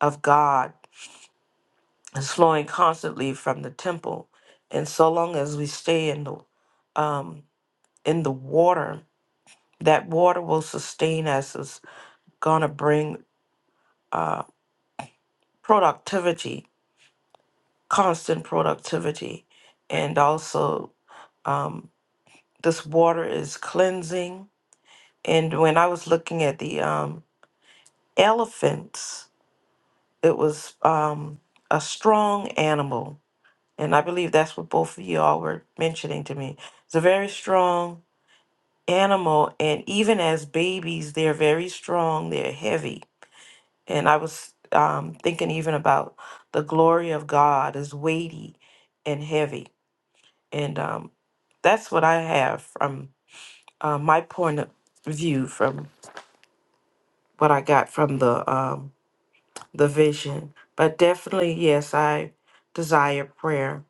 [SPEAKER 4] of God is flowing constantly from the temple, and so long as we stay in the um, in the water, that water will sustain us. It's gonna bring uh, productivity, constant productivity, and also um, this water is cleansing. And when I was looking at the um, elephants, it was um, a strong animal And I believe that's what both of you all were mentioning to me. It's a very strong animal. And even as babies, they're very strong, they're heavy. And I was um, thinking even about the glory of God is weighty and heavy. And um, that's what I have from uh, my point of view, from what I got from the, um, the vision. But definitely, yes, I desire prayer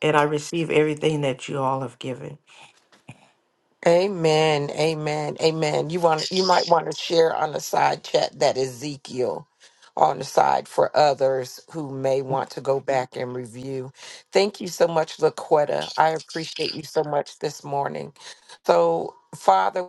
[SPEAKER 4] and I receive everything that you all have given.
[SPEAKER 1] Amen. Amen. Amen. You want you might want to share on the side chat that Ezekiel on the side for others who may want to go back and review. Thank you so much, Laquetta. I appreciate you so much this morning. So, Father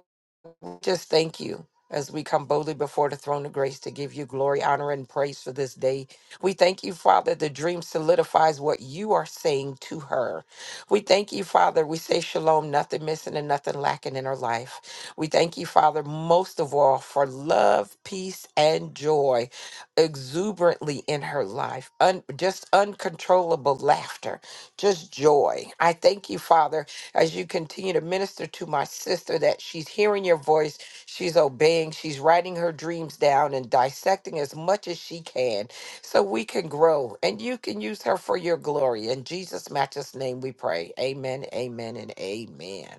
[SPEAKER 1] just thank you as we come boldly before the throne of grace to give you glory, honor, and praise for this day. We thank you, Father, the dream solidifies what you are saying to her. We thank you, Father. We say shalom, nothing missing and nothing lacking in her life. We thank you, Father, most of all for love, peace, and joy exuberantly in her life, Un- just uncontrollable laughter, just joy. I thank you, Father, as you continue to minister to my sister that she's hearing your voice, she's obeying, she's writing her dreams down and dissecting as much as she can so we can grow and you can use her for your glory. In Jesus' matchless name we pray. Amen, amen, and amen.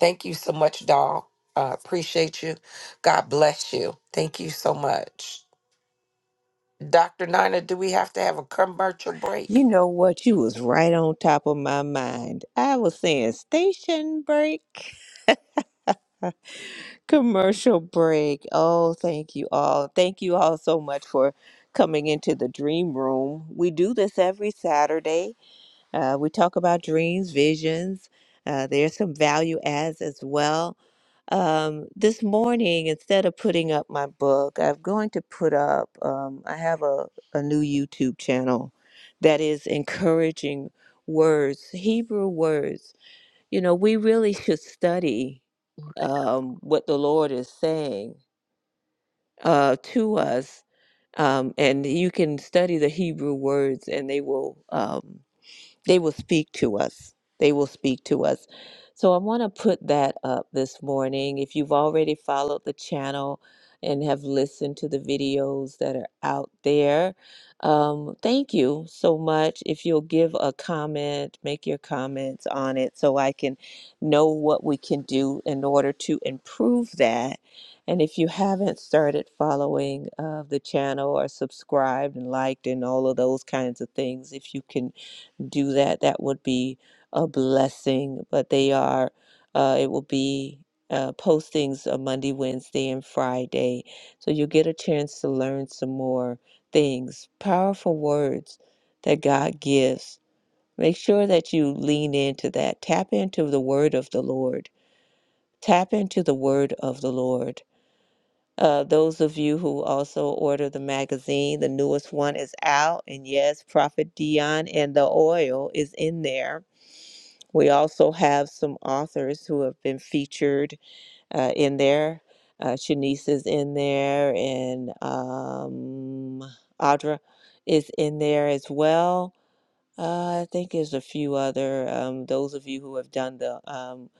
[SPEAKER 1] Thank you so much, doll. Uh, appreciate you. God bless you. Thank you so much. Dr. Nina, do we have to have a commercial
[SPEAKER 3] You
[SPEAKER 1] break?
[SPEAKER 3] know what? You was right on top of my mind. I was saying station break, commercial break. Oh, thank you all. Thank you all so much for coming into the dream room. We do this every Saturday. Uh, we talk about dreams, visions. Uh, there's some value adds as well. Um, this morning, instead of putting up my book, I'm going to put up, um, I have a, a new YouTube channel that is encouraging words, Hebrew words. You know, we really should study um, what the Lord is saying uh, to us. Um, and you can study the Hebrew words, and they will. um, they will speak to us. They will speak to us. So I want to put that up this morning. If you've already followed the channel and have listened to the videos that are out there, um, thank you so much. If you'll give a comment, make your comments on it so I can know what we can do in order to improve that. And if you haven't started following uh, the channel or subscribed and liked and all of those kinds of things, if you can do that, that would be a blessing. But they are, uh, it will be uh, postings on Monday, Wednesday, and Friday. So you'll get a chance to learn some more things, powerful words that God gives. Make sure that you lean into that. Tap into the word of the Lord. Tap into the word of the Lord. Uh, those of you who also order the magazine, the newest one is out. And yes, Prophet Dion and the oil is in there we also have some authors who have been featured uh, in there. Uh, Shanice is in there, and um, Audra is in there as well. Uh, I think there's a few other um, those of you who have done the um,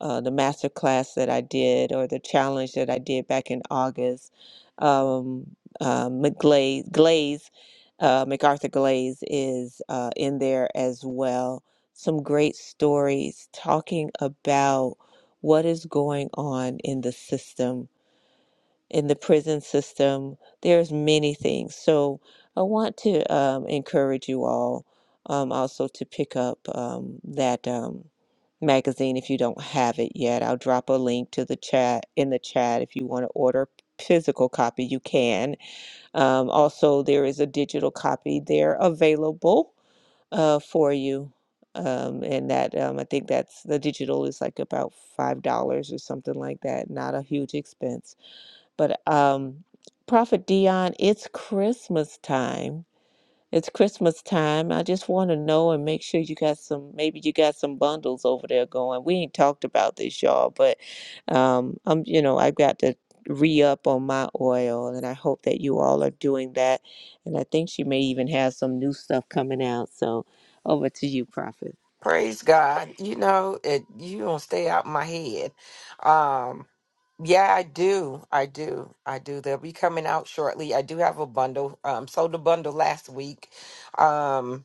[SPEAKER 3] uh, the master class that I did or the challenge that I did back in August. Um, uh, McGlaze Glaze, uh, MacArthur Glaze is uh, in there as well. Some great stories talking about what is going on in the system in the prison system. There's many things. So I want to um, encourage you all um, also to pick up um, that um, magazine if you don't have it yet. I'll drop a link to the chat in the chat if you want to order physical copy. You can. Um, also, there is a digital copy there available uh, for you. Um, and that um, I think that's the digital is like about five dollars or something like that. Not a huge expense but um, Prophet Dion, it's Christmas time. It's Christmas time. I just want to know and make sure you got some, maybe you got some bundles over there going. We ain't talked about this, y'all, but um, I'm, you know, I've got to re up on my oil, and I hope that you all are doing that. And I think she may even have some new stuff coming out. So over to you, Prophet.
[SPEAKER 1] Praise God. You know, it, you don't stay out my head. Um, Yeah, I do. I do. I do. They'll be coming out shortly. I do have a bundle. Um, sold a bundle last week. Um,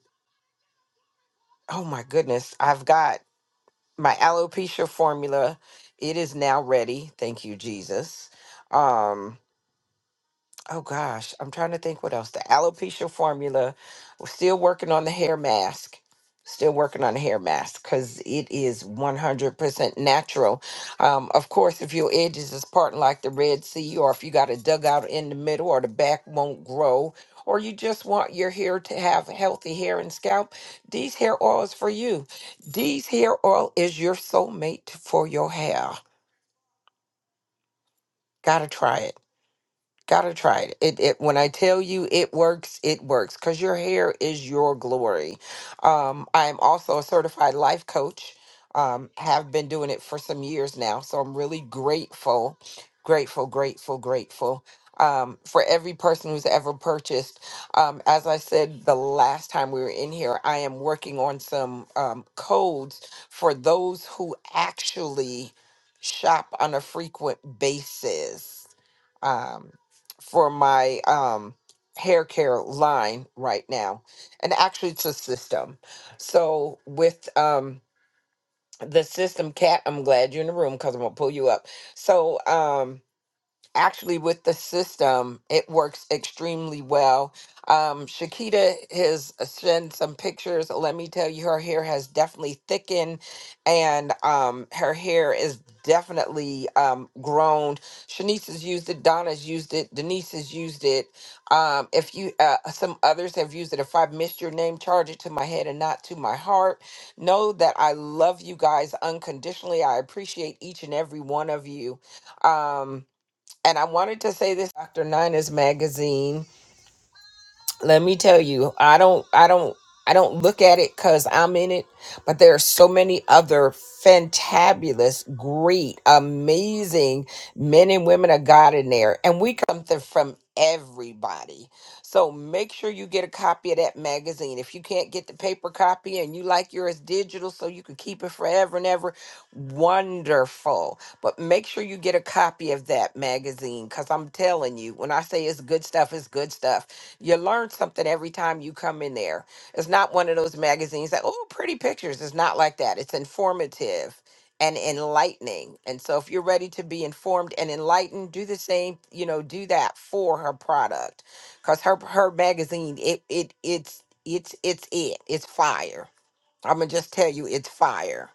[SPEAKER 1] oh my goodness. I've got my alopecia formula. It is now ready. Thank you, Jesus. Um, Oh gosh, I'm trying to think what else. The alopecia formula. We're still working on the hair mask. Still working on the hair mask because it is 100% natural. Um, of course, if your edges is parting like the Red Sea, or if you got a dugout in the middle, or the back won't grow, or you just want your hair to have healthy hair and scalp, these hair oil is for you. These hair oil is your soulmate for your hair. Gotta try it. Gotta try it. It, it when I tell you it works, it works because your hair is your glory. Um, I'm also a certified life coach. Um, have been doing it for some years now, so I'm really grateful, grateful, grateful, grateful um, for every person who's ever purchased. Um, as I said the last time we were in here, I am working on some um, codes for those who actually shop on a frequent basis Um, for my um hair care line right now and actually it's a system so with um the system cat i'm glad you're in the room because i'm gonna pull you up so um actually with the system it works extremely well um shakita has sent some pictures let me tell you her hair has definitely thickened and um her hair is definitely um grown shanice has used it donna's used it denise has used it um if you uh some others have used it if i've missed your name charge it to my head and not to my heart know that i love you guys unconditionally i appreciate each and every one of you um and I wanted to say this Dr. Nina's magazine let me tell you i don't i don't i don't look at it because i'm in it but there are so many other fantabulous great amazing men and women of god in there and we come th- from everybody so make sure you get a copy of that magazine if you can't get the paper copy and you like yours digital so you can keep it forever and ever wonderful but make sure you get a copy of that magazine because i'm telling you when i say it's good stuff it's good stuff you learn something every time you come in there. It's not one of those magazines that, oh, pretty pictures. It's not like that. It's informative and enlightening. And so if you're ready to be informed and enlightened, do the same, you know, do that for her product. Cause her her magazine, it it it's it's it's it. It's fire. I'm gonna just tell you it's fire.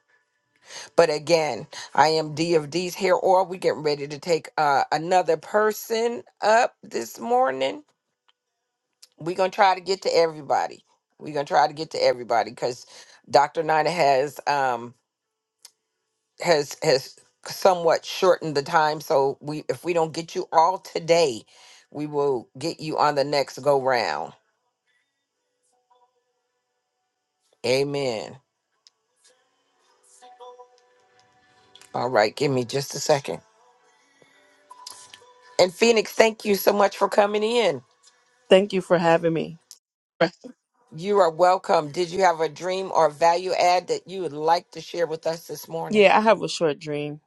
[SPEAKER 1] But again, I am D of D's hair oil. We getting ready to take uh, another person up this morning we're gonna try to get to everybody. We're gonna try to get to everybody because Dr. Nina has um has has somewhat shortened the time. So we if we don't get you all today, we will get you on the next go round. Amen. All right, give me just a second. And Phoenix, thank you so much for coming in.
[SPEAKER 5] Thank you for having me.
[SPEAKER 1] You are welcome. Did you have a dream or value add that you would like to share with us this morning?
[SPEAKER 5] Yeah, I have a short dream.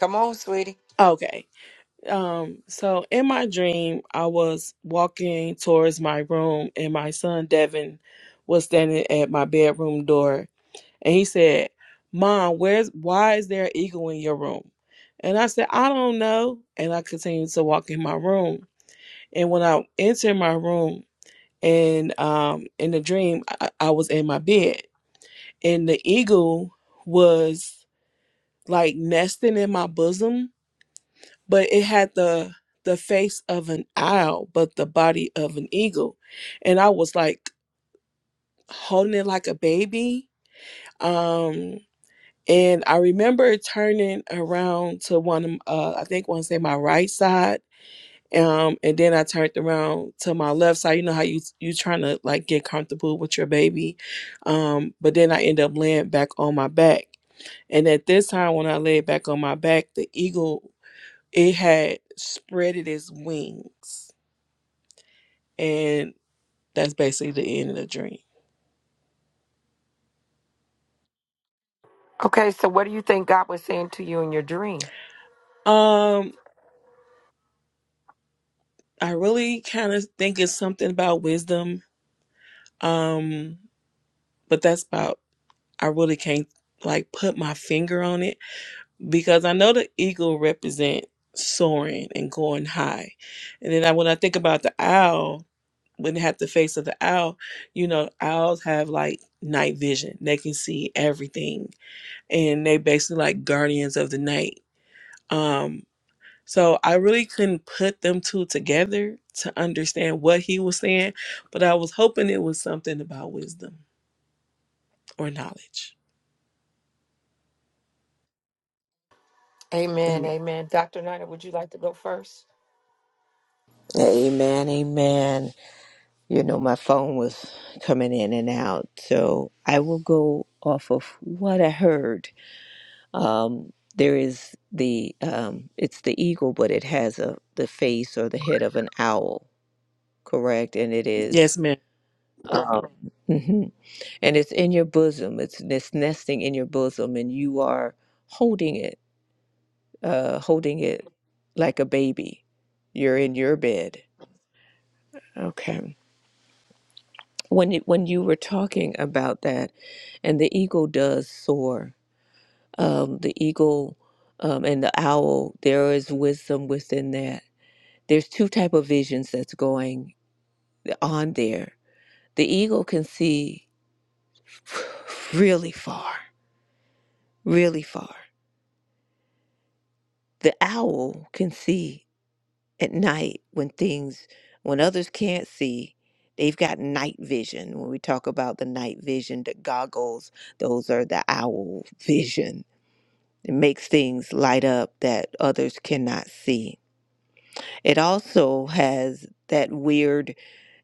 [SPEAKER 1] Come on, sweetie.
[SPEAKER 5] Okay. Um so in my dream, I was walking towards my room and my son Devin was standing at my bedroom door and he said, "Mom, where's why is there an eagle in your room?" And I said, "I don't know." And I continued to walk in my room. And when I entered my room and um in the dream, I, I was in my bed and the eagle was like nesting in my bosom, but it had the the face of an owl, but the body of an eagle. And I was like holding it like a baby. Um and I remember turning around to one of uh I think one say my right side. Um and then I turned around to my left side. You know how you you trying to like get comfortable with your baby. Um but then I end up laying back on my back. And at this time, when I laid back on my back, the eagle it had spread it its wings and that's basically the end of the dream
[SPEAKER 1] Okay, so what do you think God was saying to you in your dream?
[SPEAKER 5] um i really kind of think it's something about wisdom um but that's about i really can't like put my finger on it because i know the eagle represent soaring and going high and then I, when i think about the owl when they have the face of the owl you know owls have like night vision they can see everything and they basically like guardians of the night. Um, so I really couldn't put them two together to understand what he was saying, but I was hoping it was something about wisdom or knowledge.
[SPEAKER 1] Amen.
[SPEAKER 5] Amen.
[SPEAKER 1] Amen. Dr. Nina, would you like to go first?
[SPEAKER 3] Amen, amen. You know, my phone was coming in and out. So I will go off of what I heard. Um, there is the, um, it's the eagle, but it has a, the face or the head of an owl, correct? And it is,
[SPEAKER 5] Yes, ma'am.
[SPEAKER 3] um, hmm and it's in your bosom. It's, it's nesting in your bosom and you are holding it, uh, holding it like a baby. You're in your bed. Okay. when it, when you were talking about that, and the eagle does soar. Um, the eagle um, and the owl. There is wisdom within that. There's two type of visions that's going on there. The eagle can see really far, really far. The owl can see at night when things when others can't see. They've got night vision. When we talk about the night vision, the goggles, those are the owl vision It makes things light up that others cannot see. It also has that weird,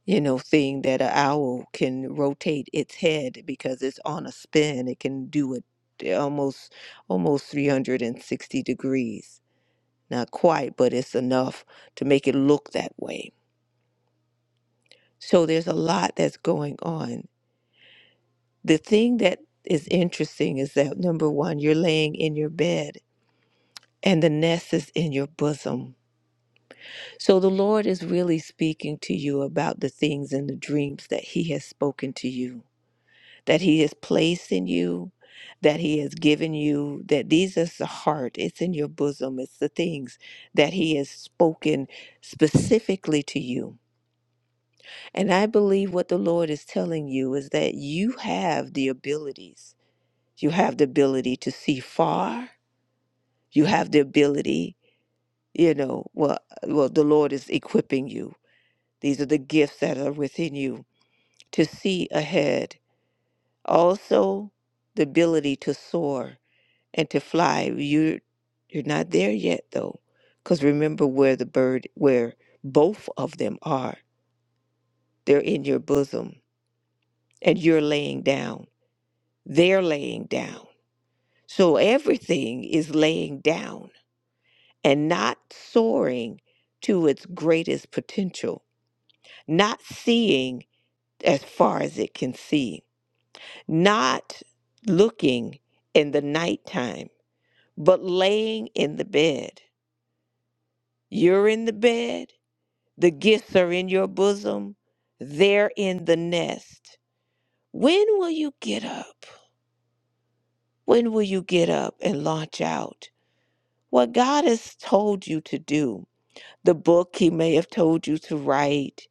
[SPEAKER 3] you know, thing that an owl can rotate its head because it's on a spin. It can do it eh, almost almost 360 degrees. Not quite, but it's enough to make it look that way. So there's a lot that's going on. The thing that is interesting is that number one, you're laying in your bed and the nest is in your bosom So the Lord is really speaking to you about the things and the dreams that He has spoken to you, that He has placed in you, that He has given you, that these is the heart, it's in your bosom, it's the things that He has spoken specifically to you. And I believe what the Lord is telling you is that you have the abilities. You have the ability to see far. You have the ability, you know, well well the Lord is equipping you These are the gifts that are within you to see ahead. Also, the ability to soar and to fly. You're you're not there yet though, because remember where the bird, where both of them are. They're in your bosom, and you're laying down. They're laying down. So everything is laying down and not soaring to its greatest potential, not seeing as far as it can see not looking in the nighttime, but laying in the bed. You're in the bed, the gifts are in your bosom, they're in the nest. When will you get up? When will you get up and launch out? What God has told you to do, the book He may have told you to write,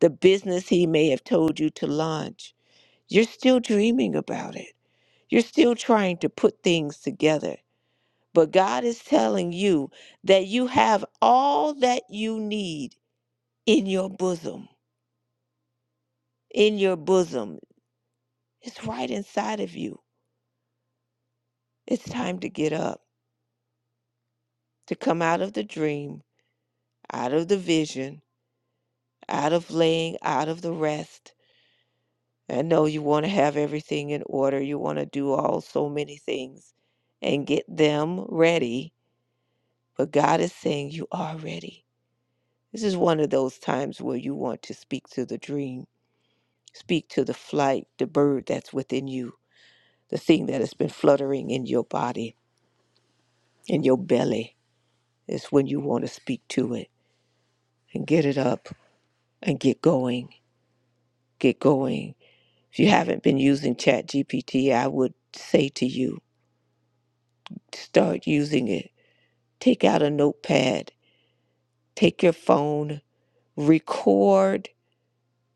[SPEAKER 3] the business He may have told you to launch, you're still dreaming about it. You're still trying to put things together But God is telling you that you have all that you need in your bosom. In your bosom. It's right inside of you. It's time to get up, to come out of the dream, out of the vision, out of laying, out of the rest. I know you want to have everything in order. You want to do all so many things and get them ready. But God is saying you are ready. This is one of those times where you want to speak to the dream Speak to the flight, the bird that's within you, the thing that has been fluttering in your body, in your belly, is when you want to speak to it and get it up and get going. Get going. If you haven't been using ChatGPT, I would say to you, start using it. Take out a notepad, take your phone, record,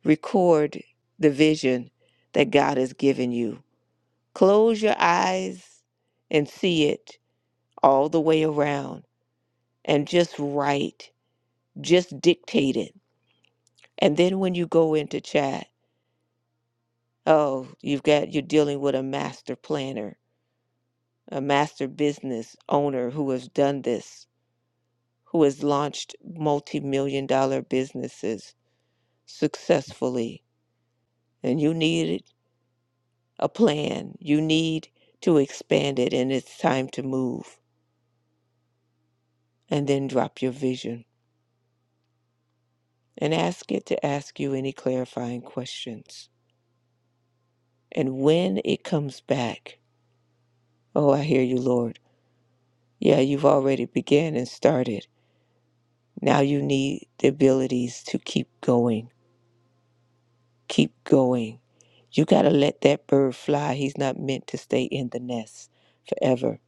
[SPEAKER 3] record the vision that God has given you. Close your eyes and see it all the way around and just write, just dictate it. And then when you go into chat, oh, you've got you're dealing with a master planner, a master business owner who has done this, who has launched multi-million dollar businesses successfully, and you need a plan. You need to expand it and it's time to move. And then drop your vision and ask it to ask you any clarifying questions. And when it comes back, Oh, I hear you, Lord. Yeah, you've already began and started. Now you need the abilities to keep going. Keep going. You got to let that bird fly. He's not meant to stay in the nest forever.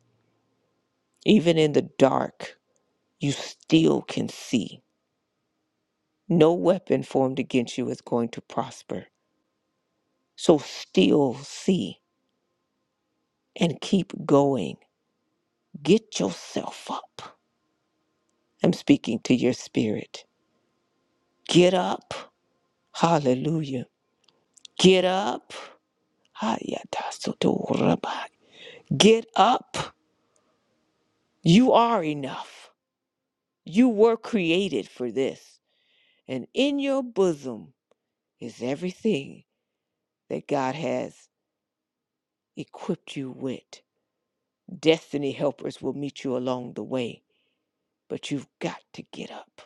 [SPEAKER 3] Even in the dark, you still can see. No weapon formed against you is going to prosper. So still see and keep going. Get yourself up. I'm speaking to your spirit. Get up. Hallelujah Get up. Get up. You are enough. You were created for this. And in your bosom is everything that God has equipped you with. Destiny helpers will meet you along the way, but you've got to get up.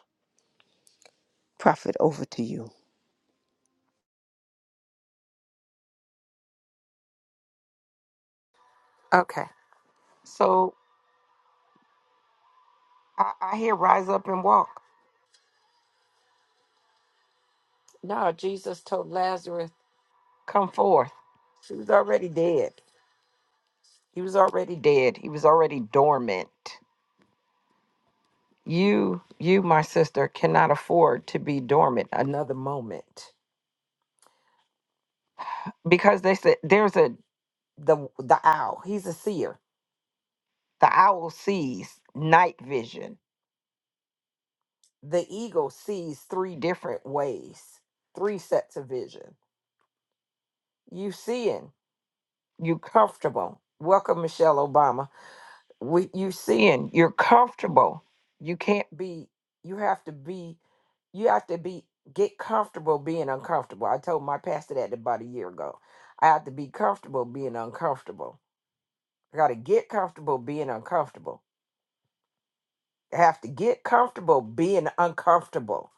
[SPEAKER 3] Prophet, over to you.
[SPEAKER 1] Okay. So I, I hear rise up and walk. No, Jesus told Lazarus, come forth. He was already dead. He was already dead. He was already dormant. You, you, my sister, cannot afford to be dormant another moment. Because they said there's a the the owl, he's a seer. The owl sees night vision. The eagle sees three different ways, three sets of vision. You seeing, you comfortable. Welcome, Michelle Obama. We, you seeing, you're comfortable. You can't be, you have to be, you have to be, get comfortable being uncomfortable. I told my pastor that about a year ago. I have to be comfortable being uncomfortable. I got to get comfortable being uncomfortable. I have to get comfortable being uncomfortable.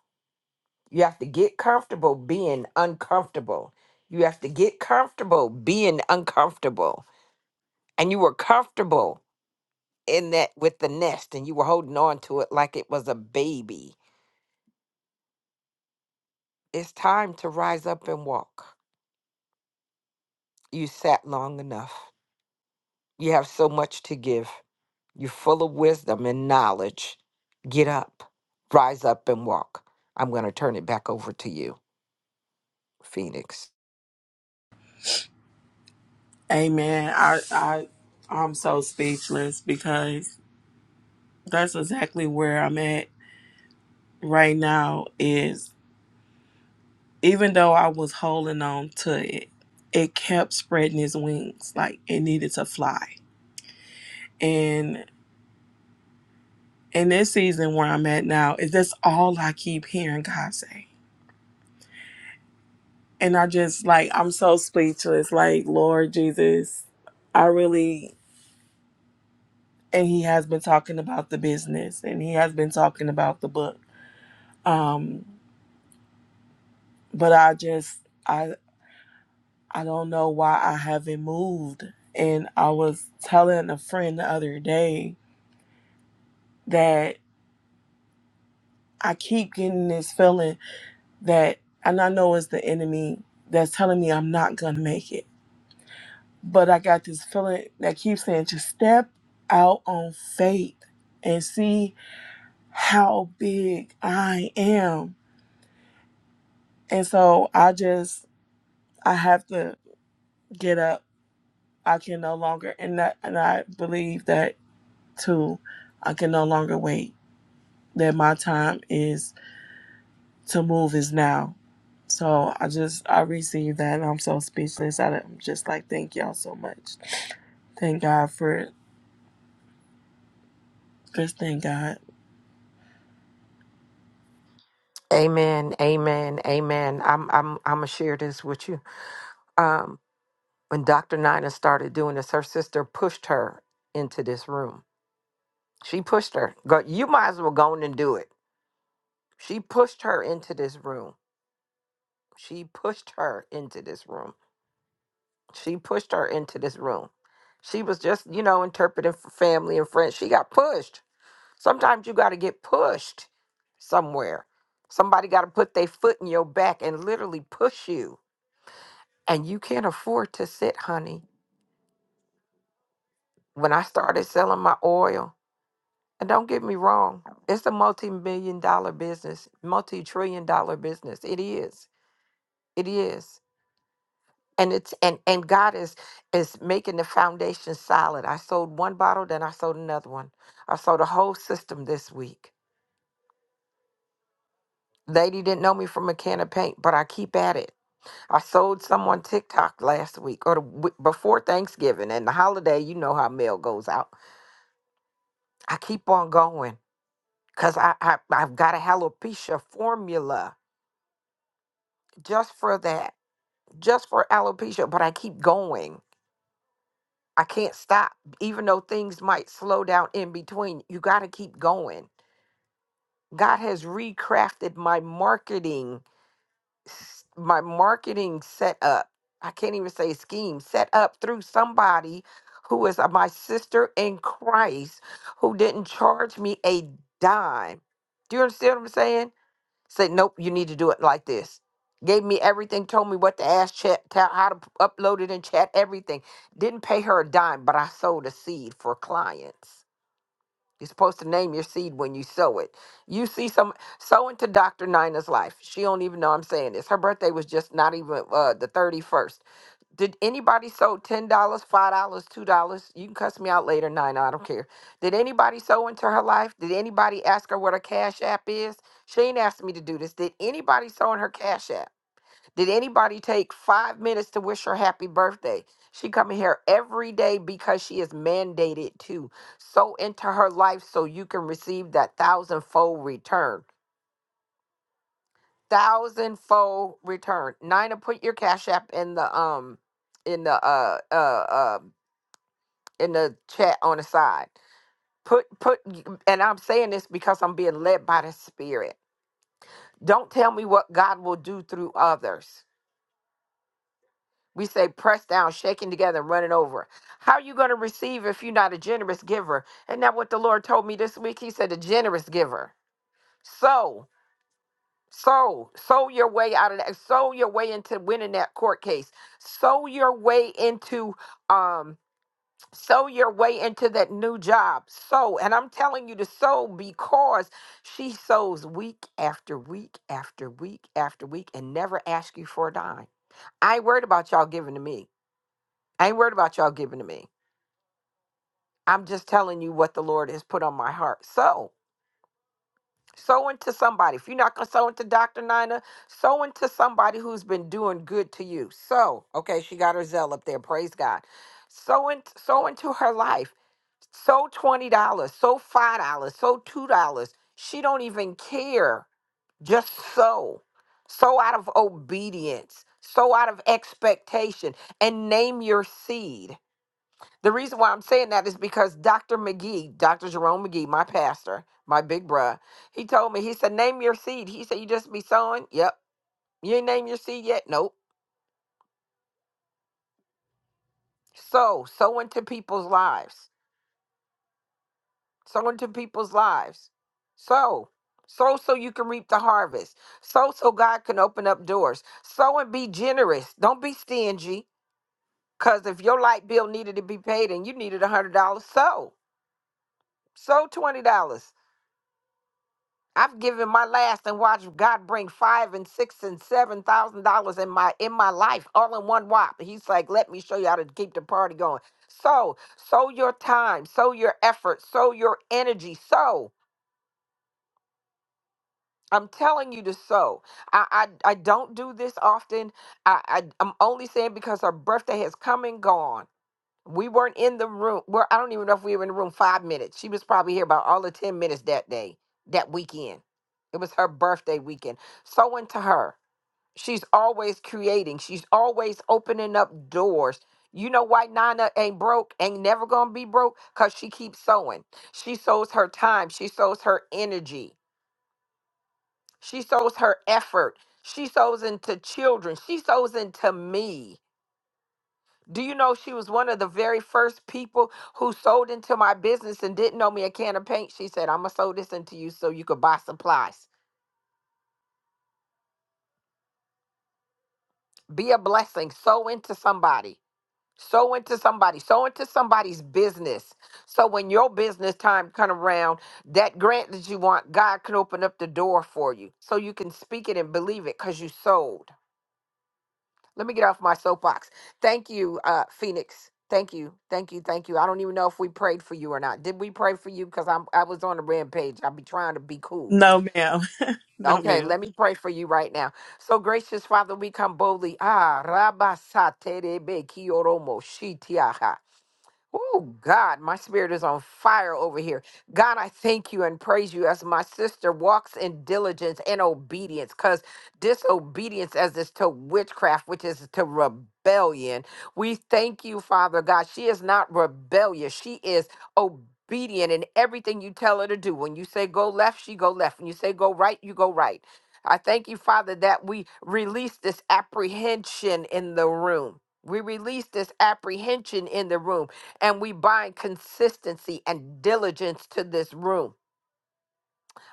[SPEAKER 1] You have to get comfortable being uncomfortable. You have to get comfortable being uncomfortable. And you were comfortable in that with the nest and you were holding on to it like it was a baby. It's time to rise up and walk. You sat long enough. You have so much to give. You're full of wisdom and knowledge. Get up, rise up and walk. I'm going to turn it back over to you, Phoenix.
[SPEAKER 5] Amen. I I I'm so speechless because that's exactly where I'm at right now is even though I was holding on to it, it kept spreading its wings like it needed to fly. and. in this season where I'm at now, is that's all I keep hearing God say. And I just like I'm so speechless. Like, Lord Jesus, I really and he has been talking about the business and he has been talking about the book. Um, but I just I I don't know why I haven't moved. And I was telling a friend the other day that I keep getting this feeling that and I know it's the enemy that's telling me I'm not gonna make it but I got this feeling that keeps saying just step out on faith and see how big I am. And so I just I have to get up. I can no longer and that, and I believe that too. I can no longer wait. That my time is to move is now. So I just I received that and I'm so speechless. I- I'm just like thank y'all so much. Thank God for it. Just thank God.
[SPEAKER 1] Amen. Amen. Amen. I'm I'm I'm gonna share this with you. Um when Dr. Nina started doing this, her sister pushed her into this room. She pushed her. Go, you might as well go on and do it She pushed her into this room. She pushed her into this room. She pushed her into this room. She was just, you know, interpreting for family and friends. She got pushed. Sometimes you got to get pushed somewhere. Somebody got to put their foot in your back and literally push you. And you can't afford to sit, honey. When I started selling my oil, and don't get me wrong, it's a multi million dollar business, multi trillion dollar business. It is. It is. and it's and and god is is making the foundation solid i sold one bottle then i sold another one i sold a whole system this week lady didn't know me from a can of paint but i keep at it i sold someone tiktok last week or the, w- before thanksgiving and the holiday you know how mail goes out i keep on going because I, I i've got a alopecia formula just for that just for alopecia but i keep going I can't stop. Even though things might slow down in between, you got to keep going. God has recrafted my marketing, s- my marketing setup. I can't even say scheme, set up through somebody who is uh, my sister in Christ who didn't charge me a dime. Do you understand what I'm saying? Said, nope, you need to do it like this. Gave me everything, told me what to ask, chat, tell, how to p- upload it and chat, everything. Didn't pay her a dime, but I sowed a seed for clients. You're supposed to name your seed when you sow it. You see some sowing to Dr. Nina's life. She don't even know I'm saying this. Her birthday was just not even uh, the 31st. Did anybody sew ten dollars, five dollars, two dollars? You can cuss me out later. Nine, I don't care. Did anybody sew into her life? Did anybody ask her what her cash app is? She ain't asked me to do this. Did anybody sew in her cash app? Did anybody take five minutes to wish her happy birthday? She coming here every day because she is mandated to sow into her life so you can receive that thousandfold return. Thousandfold return. Nina, put your cash app in the um in the uh uh uh in the chat on the side. Put put and I'm saying this because I'm being led by the spirit. Don't tell me what God will do through others. We say press down, shaking together, and running over. How are you going to receive if you're not a generous giver? Isn't that what the Lord told me this week? He said a generous giver. So sow, sow your way out of that, sow your way into winning that court case. Sow your way into um sow your way into that new job. Sow. And I'm telling you to sow because she sows week after week after week after week and never ask you for a dime. I ain't worried about y'all giving to me. I ain't worried about y'all giving to me. I'm just telling you what the Lord has put on my heart. So, sow into somebody. If you're not going to sow into Dr. Nina, sow into somebody who's been doing good to you. So, okay, she got her zeal up there. Praise God. Sow, in, sow into her life So $20, so $5, so $2. She don't even care. Just so. So out of obedience, so out of expectation and name your seed. The reason why I'm saying that is because Dr. McGee, Dr. Jerome McGee, my pastor, my big bruh, he told me, he said, name your seed. He said, you just be sowing? Yep. You ain't name your seed yet? Nope. Sow, sow into people's lives. sow into people's lives. Sow. Sow so you can reap the harvest. Sow so God can open up doors. Sow and be generous. Don't be stingy. Cause if your light bill needed to be paid and you needed a hundred dollars, sow. Sow twenty dollars. I've given my last and watched God bring five and six and seven thousand dollars in my in my life, all in one whop. He's like, let me show you how to keep the party going. Sow, sow your time, sow your effort, sow your energy, sow. I'm telling you to sow. I, I I don't do this often. I, I I'm only saying because her birthday has come and gone. We weren't in the room. Well, I don't even know if we were in the room five minutes. She was probably here about all the ten minutes that day, that weekend. It was her birthday weekend. Sow into her. She's always creating. She's always opening up doors. You know why Nana ain't broke, ain't never gonna be broke? Cause she keeps sewing. She sows her time. She sows her energy. She sows her effort. She sows into children. She sows into me. Do you know she was one of the very first people who sold into my business and didn't know me a can of paint? She said, I'm going to sow this into you so you could buy supplies. Be a blessing. Sow into somebody. Sow into somebody. Sow into somebody's business. So when your business time come around, that grant that you want, God can open up the door for you so you can speak it and believe it because you sold. Let me get off my soapbox. Thank you, uh, Phoenix. Thank you, thank you, thank you. I don't even know if we prayed for you or not. Did we pray for you? Because I'm I was on a rampage. I'll be trying to be cool.
[SPEAKER 5] No ma'am. No
[SPEAKER 1] Okay,
[SPEAKER 5] ma'am.
[SPEAKER 1] let me pray for you right now. So gracious Father, we come boldly. Ah, rabasate rebe kioromo shitiaha. Oh, God, my spirit is on fire over here. God, I thank you and praise you as my sister walks in diligence and obedience, because disobedience as is to witchcraft, which is to rebellion. We thank you, Father God. She is not rebellious, she is obedient in everything you tell her to do. When you say go left, she go left. When you say go right, you go right. I thank you, Father, that we release this apprehension in the room. We release this apprehension in the room and we bind consistency and diligence to this room.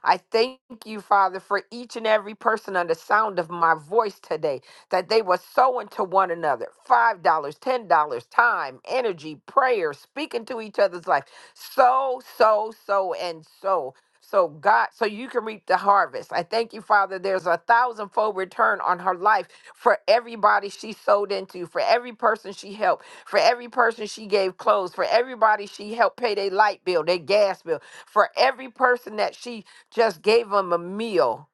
[SPEAKER 1] I thank you, Father, for each and every person under sound of my voice today, that they were sowing to one another $5, dollars, $10, time, energy, prayer, speaking to each other's life. So, so, so, and so. So, God, so you can reap the harvest. I thank you, Father. There's a thousandfold return on her life for everybody she sold into, for every person she helped, for every person she gave clothes, for everybody she helped pay their light bill, their gas bill, for every person that she just gave them a meal,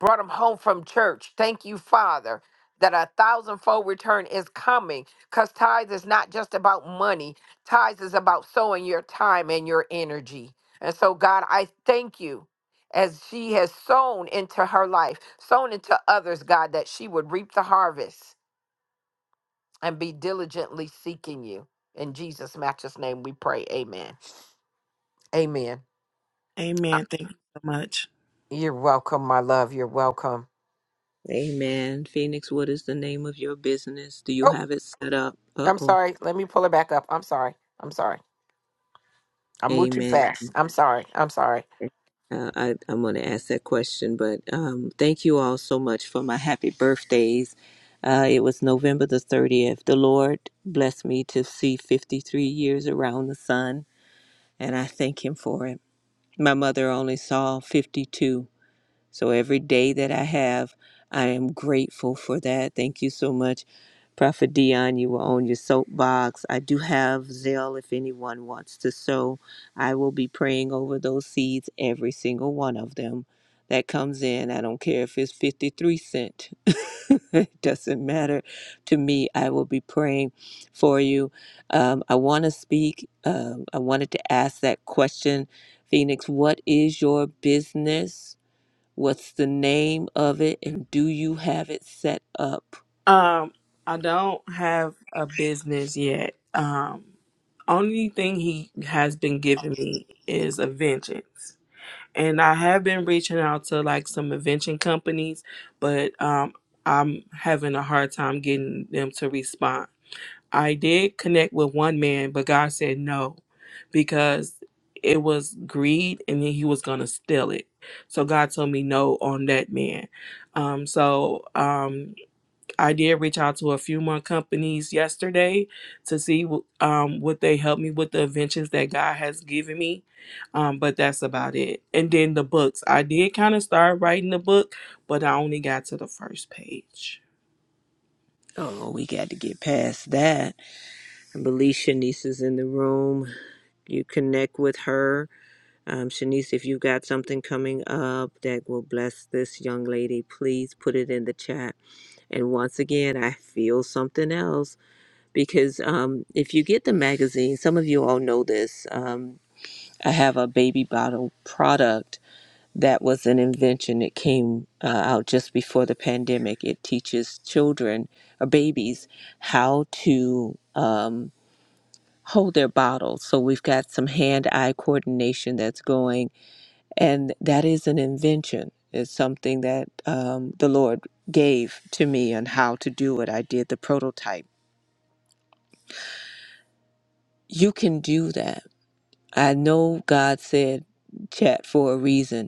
[SPEAKER 1] brought them home from church. Thank you, Father, that a thousandfold return is coming because tithes is not just about money, tithes is about sowing your time and your energy. And so, God, I thank you. As she has sown into her life, sown into others, God, that she would reap the harvest and be diligently seeking you. In Jesus' matchless name we pray. Amen. Amen. Uh,
[SPEAKER 5] Amen. Thank you so much.
[SPEAKER 1] You're welcome, my love. You're welcome.
[SPEAKER 3] Amen. Phoenix, what is the name of your business? Do you
[SPEAKER 1] Oh,
[SPEAKER 3] have it set up? Uh
[SPEAKER 1] I'm
[SPEAKER 3] oh.
[SPEAKER 1] sorry. Let me pull it back up. I'm sorry. I'm sorry. I moved too
[SPEAKER 3] Amen.
[SPEAKER 1] fast. I'm sorry. I'm sorry.
[SPEAKER 3] Uh, I, I'm going to ask that question, but um, thank you all so much for my happy birthdays. Uh, it was November the 30th. The Lord blessed me to see 53 years around the sun, and I thank Him for it. My mother only saw 52 So every day that I have, I am grateful for that. Thank you so much, Prophet Dion. You were on your soapbox. I do have Zelle if anyone wants to sow. I will be praying over those seeds, every single one of them that comes in. I don't care if it's 53 cent. it doesn't matter to me. I will be praying for you. Um, I want to speak. Um, I wanted to ask that question, Phoenix. What is your business? What's the name of it? And do you have it set up?
[SPEAKER 5] Um, I don't have a business yet. Um, only thing he has been giving me is a vengeance. And I have been reaching out to like some invention companies, but um, I'm having a hard time getting them to respond. I did connect with one man, but God said no because it was greed and then he was going to steal it. So God told me no on that man. Um, so um, I did reach out to a few more companies yesterday to see wh- um, would they help me with the inventions that God has given me. Um, but that's about it. And then the books. I did kind of start writing the book, but I only got to the first page.
[SPEAKER 3] Oh, we got to get past that. I believe Shanice is in the room. You connect with her. Um, Shanice, if you've got something coming up that will bless this young lady, please put it in the chat. And once again, I feel something else because um, if you get the magazine, some of you all know this. Um, I have a baby bottle product that was an invention that came uh, out just before the pandemic. It teaches children or babies how to um, hold their bottles. So we've got some hand eye coordination that's going, and that is an invention. It's something that um, the Lord gave to me on how to do it. I did the prototype. You can do that. I know God said chat for a reason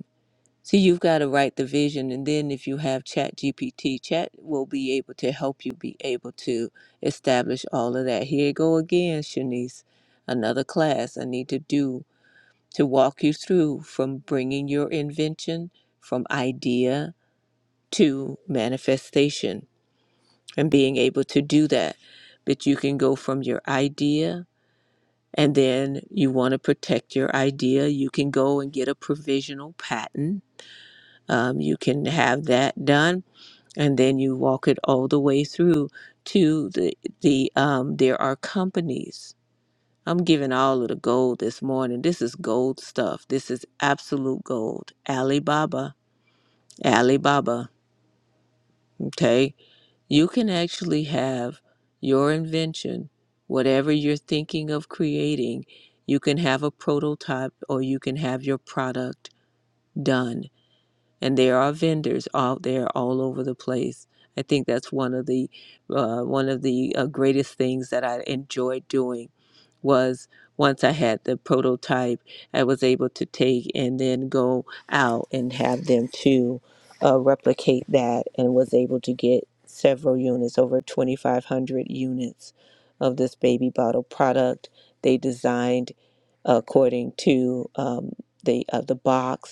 [SPEAKER 3] See, you've got to write the vision, and then if you have Chat GPT, Chat will be able to help you be able to establish all of that. Here you go again, Shanice. Another class I need to do to walk you through from bringing your invention from idea to manifestation and being able to do that. But you can go from your idea, and then you want to protect your idea. You can go and get a provisional patent. Um, you can have that done and then you walk it all the way through to the the um there are companies i'm giving all of the gold this morning this is gold stuff this is absolute gold alibaba alibaba okay you can actually have your invention whatever you're thinking of creating you can have a prototype or you can have your product done and there are vendors out there all over the place. I think that's one of the uh, one of the uh, greatest things that I enjoyed doing was once I had the prototype, I was able to take and then go out and have them to uh, replicate that, and was able to get several units, over 2,500 units of this baby bottle product. They designed according to um, the uh, the box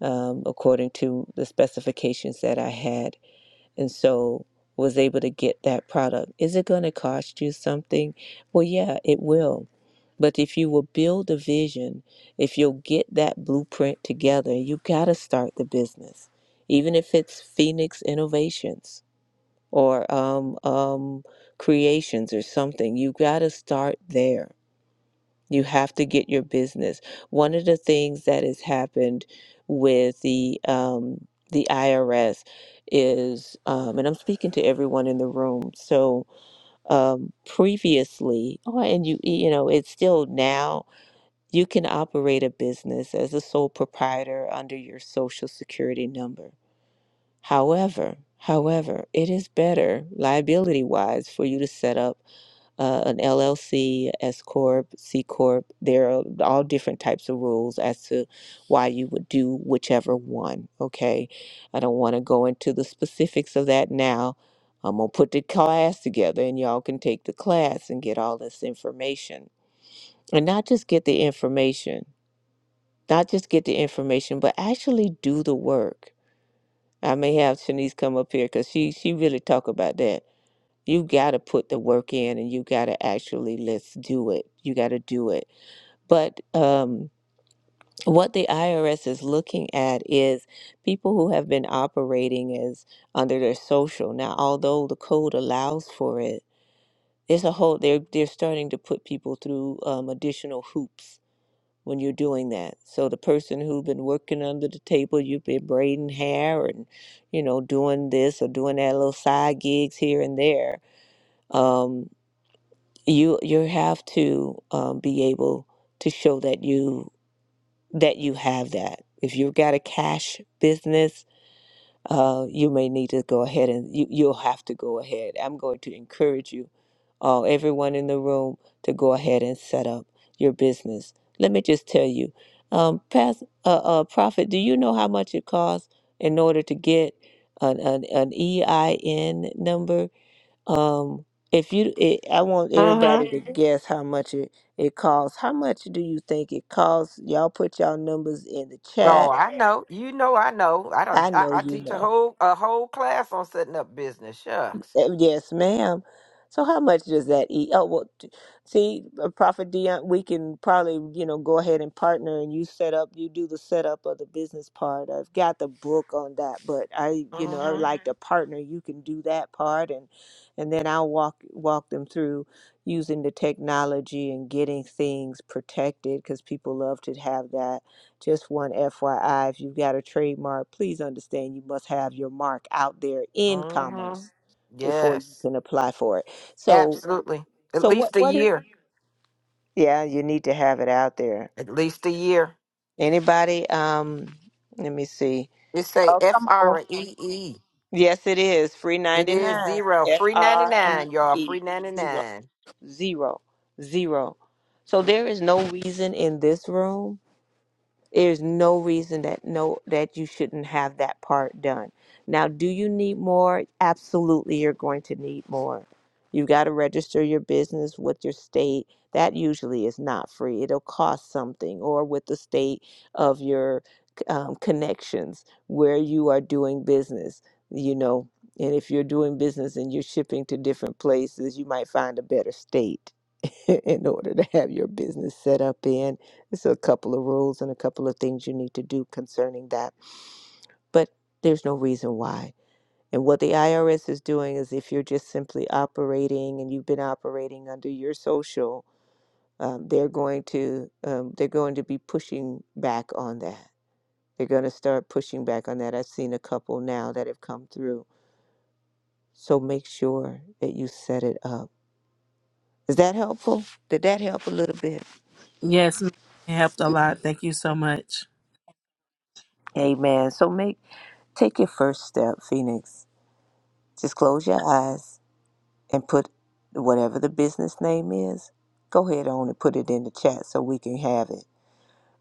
[SPEAKER 3] um, according to the specifications that I had, and so was able to get that product. Is it going to cost you something? Well, yeah, it will. But if you will build a vision, if you'll get that blueprint together, you got to start the business, even if it's Phoenix Innovations or um, um, Creations or something. You got to start there you have to get your business. One of the things that has happened with the um, the IRS is, um, and I'm speaking to everyone in the room. So um, previously, oh, and you you know, it's still now you can operate a business as a sole proprietor under your social security number. However, however, it is better liability wise for you to set up uh, an LLC, S corp, C corp. There are all different types of rules as to why you would do whichever one. Okay, I don't want to go into the specifics of that now. I'm gonna put the class together, and y'all can take the class and get all this information, and not just get the information, not just get the information, but actually do the work. I may have Shanice come up here because she she really talk about that you got to put the work in and you got to actually let's do it you got to do it but um, what the irs is looking at is people who have been operating as under their social now although the code allows for it there's a whole they're they're starting to put people through um, additional hoops when you're doing that so the person who've been working under the table you've been braiding hair and you know doing this or doing that little side gigs here and there Um, you you have to um, be able to show that you that you have that if you've got a cash business uh, you may need to go ahead and you, you'll have to go ahead i'm going to encourage you all everyone in the room to go ahead and set up your business let me just tell you um, past uh, uh, prophet do you know how much it costs in order to get an, an, an ein number um, if you, it, I want
[SPEAKER 1] Mm-hmm.
[SPEAKER 3] everybody to Mhm. guess how much it it costs. How much do you think it costs? Y'all put y'all numbers in the
[SPEAKER 1] Oh,
[SPEAKER 3] chat.
[SPEAKER 1] I know. You know, I know. I don't.
[SPEAKER 3] I
[SPEAKER 1] I,
[SPEAKER 3] know
[SPEAKER 1] I
[SPEAKER 3] you
[SPEAKER 1] teach a
[SPEAKER 3] know.
[SPEAKER 1] whole a whole class on setting up business. Shucks.
[SPEAKER 3] Eh, Yes, ma'am. So how much does that eat? Oh, well, t- see, uh, Prophet Dion, we can probably, you know, go ahead and partner and you set up, you do the setup of the business part. I've got the book on that, but I, you know, I would
[SPEAKER 1] Mm-hmm.
[SPEAKER 3] like to partner. You can do that part and and then I'll walk walk them through using the technology and getting things protected because people love to have that. Just one FYI, if you've got a trademark, please understand you must have your mark out there in commerce
[SPEAKER 1] Mm-hmm.
[SPEAKER 3] before you
[SPEAKER 1] Yes.
[SPEAKER 3] can apply for it. So,
[SPEAKER 1] Absolutely. At
[SPEAKER 3] so what,
[SPEAKER 1] least a
[SPEAKER 3] what is?
[SPEAKER 1] year.
[SPEAKER 3] Yeah, you need to have it out there.
[SPEAKER 1] At least a year.
[SPEAKER 3] Anybody? Um, let me see.
[SPEAKER 1] It say
[SPEAKER 3] Oh,
[SPEAKER 1] F
[SPEAKER 3] come on.
[SPEAKER 1] R E E.
[SPEAKER 3] Yes, it is free
[SPEAKER 1] It
[SPEAKER 3] ninety
[SPEAKER 1] is
[SPEAKER 3] nine.
[SPEAKER 1] zero.
[SPEAKER 3] F
[SPEAKER 1] Free ninety
[SPEAKER 3] R E
[SPEAKER 1] nine, y'all.
[SPEAKER 3] E
[SPEAKER 1] Free ninety
[SPEAKER 3] zero
[SPEAKER 1] nine.
[SPEAKER 3] zero zero. So there is no reason in this room. There's no reason that no that you shouldn't have that part done. Now, do you need more? Absolutely, you're going to need more. You've got to register your business with your state. That usually is not free. It'll cost something, or with the state of your um, connections where you are doing business. You know, and if you're doing business and you're shipping to different places, you might find a better state in order to have your business set up in there's a couple of rules and a couple of things you need to do concerning that, but there's no reason why. And what the IRS is doing is if you're just simply operating and you've been operating under your social, um, they're going to um, they're going to be pushing back on that. They're going to start pushing back on that. I've seen a couple now that have come through. So make sure that you set it up. Is that helpful? Did that help a little bit?
[SPEAKER 5] Yes, ma'am. it helped a lot. Thank you so much.
[SPEAKER 3] Amen. So make take your first step, Phoenix. Just close your eyes and put whatever the business name is, go ahead on and put it in the chat so we can have it.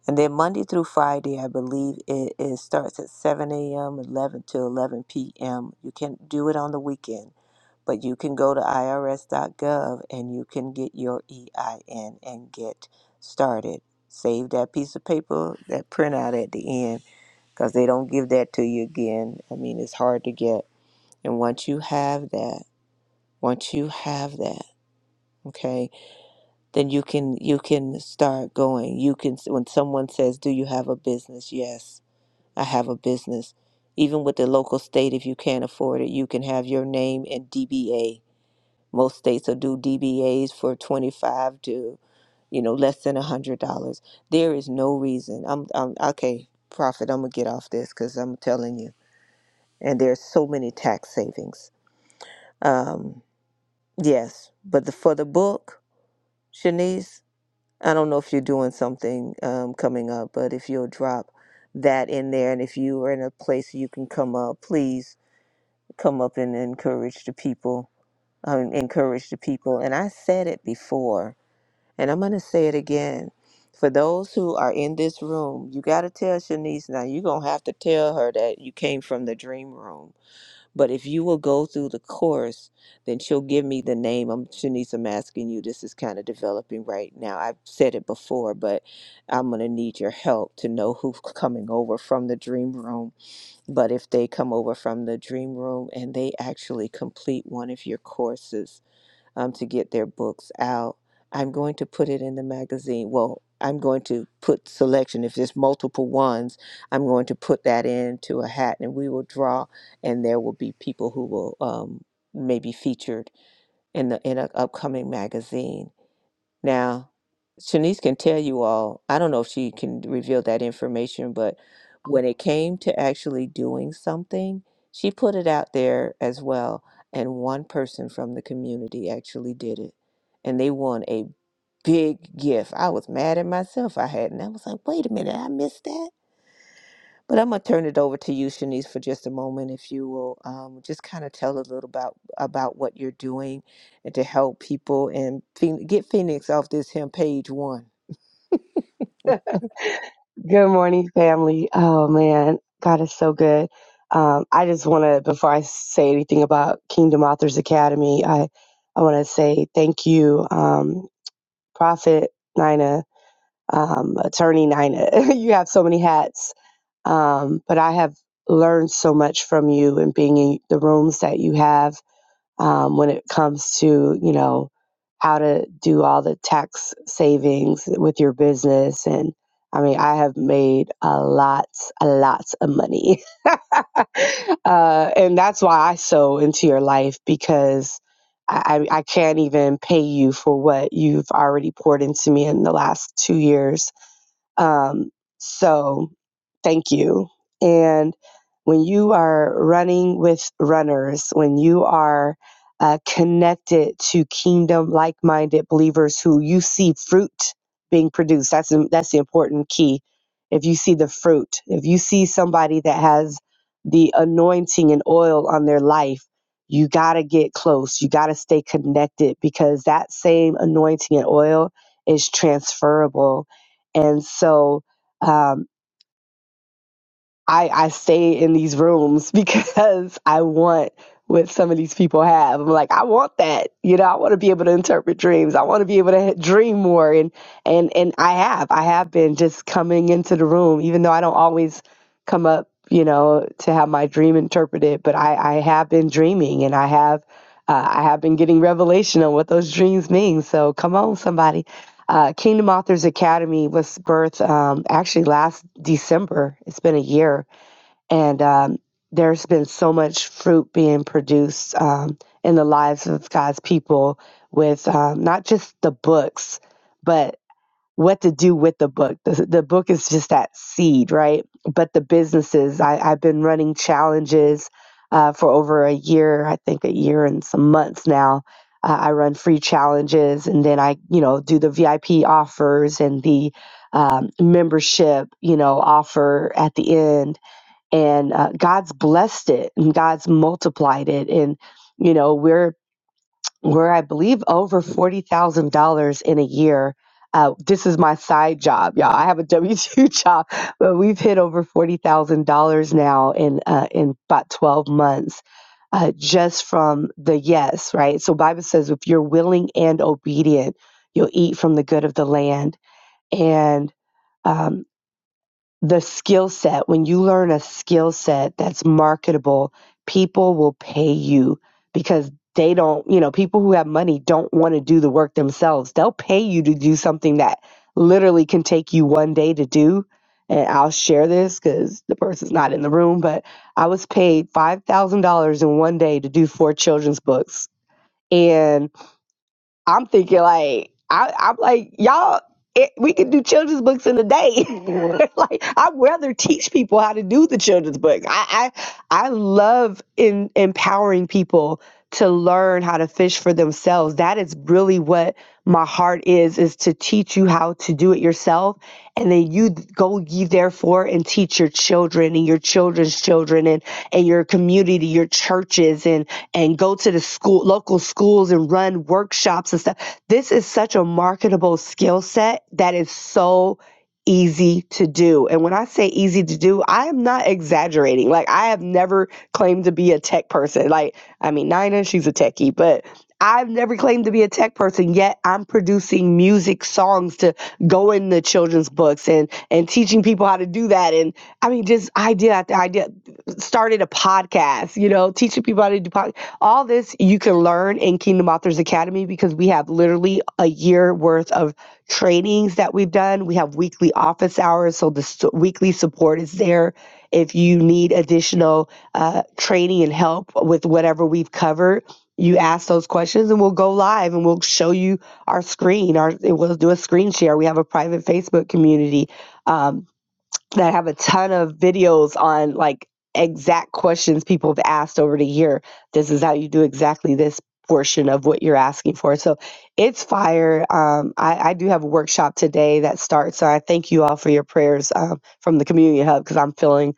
[SPEAKER 3] And then Monday through Friday, I believe it, it starts at 7 a.m., 11 to 11 p.m. You can do it on the weekend, but you can go to irs.gov and you can get your EIN and get started. Save that piece of paper, that printout at the end, because they don't give that to you again. I mean, it's hard to get. And once you have that, once you have that, okay? then you can you can start going you can when someone says do you have a business yes i have a business even with the local state if you can't afford it you can have your name and dba most states will do dbas for 25 to you know less than a hundred dollars there is no reason i'm, I'm okay prophet i'm gonna get off this because i'm telling you and there's so many tax savings um yes but the, for the book shanice I don't know if you're doing something um, coming up, but if you'll drop that in there, and if you are in a place you can come up, please come up and encourage the people. Um, encourage the people. And I said it before, and I'm going to say it again. For those who are in this room, you got to tell Shanice now. You're going to have to tell her that you came from the dream room but if you will go through the course, then she'll give me the name. I'm Shanice, I'm asking you. This is kind of developing right now. I've said it before, but I'm gonna need your help to know who's coming over from the dream room. But if they come over from the dream room and they actually complete one of your courses, um, to get their books out. I'm going to put it in the magazine. Well, I'm going to put selection. If there's multiple ones, I'm going to put that into a hat and we will draw, and there will be people who will um, maybe featured in the in an upcoming magazine now, Shanice can tell you all, I don't know if she can reveal that information, but when it came to actually doing something, she put it out there as well. And one person from the community actually did it. And they won a big gift. I was mad at myself. I hadn't. I was like, wait a minute, I missed that. But I'm gonna turn it over to you, Shanice, for just a moment, if you will, um, just kind of tell a little about about what you're doing, and to help people and Phoen- get Phoenix off this him page one.
[SPEAKER 6] Good morning, family. Oh man, God is so good. Um, I just want to, before I say anything about Kingdom Authors Academy, I I want to say thank you, um, Prophet Nina, um, Attorney Nina. you have so many hats, um, but I have learned so much from you and being in the rooms that you have um, when it comes to you know how to do all the tax savings with your business and i mean i have made a lot a lot of money uh, and that's why i sow into your life because I, I I can't even pay you for what you've already poured into me in the last two years um, so thank you. And when you are running with runners, when you are uh, connected to kingdom like minded believers who you see fruit being produced, that's, the- that's the important key. If you see the fruit, if you see somebody that has the anointing and oil on their life, you got to get close. You got to stay connected because that same anointing and oil is transferable. And so, um, I, I stay in these rooms because I want what some of these people have. I'm like, I want that. You know, I want to be able to interpret dreams. I want to be able to dream more. And, and, and I have, I have been just coming into the room, even though I don't always come up, you know, to have my dream interpreted, but I, I have been dreaming and I have, uh, I have been getting revelation on what those dreams mean. So come on, somebody. Uh, Kingdom Authors Academy was birthed um, actually last December. It's been a year and um, there's been so much fruit being produced um, in the lives of God's people with um, not just the books, but what to do with the book. The, the book is just that seed, right? But the businesses, I, I've been running challenges uh, for over a year, I think a year and some months now. Uh, I run free challenges and then I, you know, do the VIP offers and the um, membership, you know, offer at the end and uh, God's blessed it and God's multiplied it and you know we're we're I believe over forty thousand dollars in a year. Uh, this is my side job, y'all. I have a W two job, but we've hit over forty thousand dollars now in uh, in about twelve months, uh, just from the yes, right? So Bible says if you're willing and obedient, you'll eat from the good of the land and. um, the skill set, when you learn a skill set that's marketable, people will pay you because they don't, you know, people who have money don't want to do the work themselves. They'll pay you to do something that literally can take you one day to do. And I'll share this because the person's not in the room, but I was paid $5,000 in one day to do four children's books. and. I'm thinking like I, I'm like y'all. It, we could do children's books in a day. like I'd rather teach people how to do the children's book. I I, I love in, empowering people to learn how to fish for themselves. That is really what my heart is is to teach you how to do it yourself and then you go ye therefore and teach your children and your children's children and and your community, your churches and and go to the school, local schools and run workshops and stuff. This is such a marketable skill set that is so easy to do. And when I say easy to do, I am not exaggerating. Like I have never claimed to be a tech person. Like, I mean, Nina, she's a techie, but I've never claimed to be a tech person yet. I'm producing music songs to go in the children's books and and teaching people how to do that. And I mean, just idea after idea. Started a podcast, you know, teaching people how to do podcast all this you can learn in Kingdom Authors Academy because we have literally a year worth of trainings that we've done. We have weekly office hours, so the s- weekly support is there. If you need additional uh, training and help with whatever we've covered, you ask those questions and we'll go live and we'll show you our screen. Our, we'll do a screen share. We have a private Facebook community. Um, that have a ton of videos on like exact questions people have asked over the year. This is how you do exactly this portion of what you're asking for. So it's fire. Um, I, I do have a workshop today that starts. So I thank you all for your prayers um, from the community hub because I'm feeling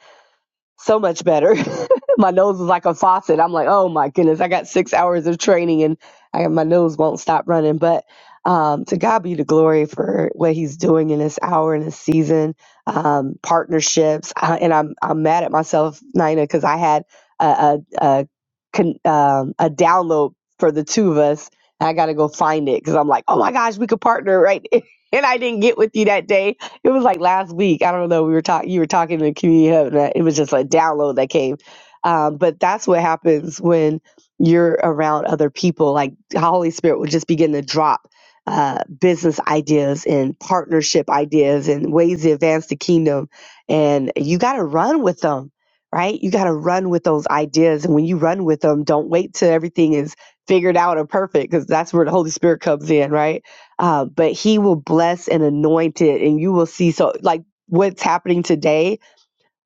[SPEAKER 6] so much better. my nose was like a faucet. I'm like, oh my goodness, I got six hours of training and I my nose won't stop running. But um, to God be the glory for what He's doing in this hour and this season, um, partnerships. I, and I'm I'm mad at myself, Nina, because I had a a a, con, um, a download for the two of us. I got to go find it because I'm like, oh my gosh, we could partner right. and I didn't get with you that day it was like last week. I don't know. We were talking. You were talking to the community hub, and it was just a download that came. Um, but that's what happens when you're around other people. Like the Holy Spirit will just begin to drop uh, business ideas and partnership ideas and ways to advance the kingdom. And you got to run with them, right? You got to run with those ideas. And when you run with them, don't wait till everything is figured out or perfect, because that's where the Holy Spirit comes in, right? uh, but he will bless and anoint it and you will see so like what's happening today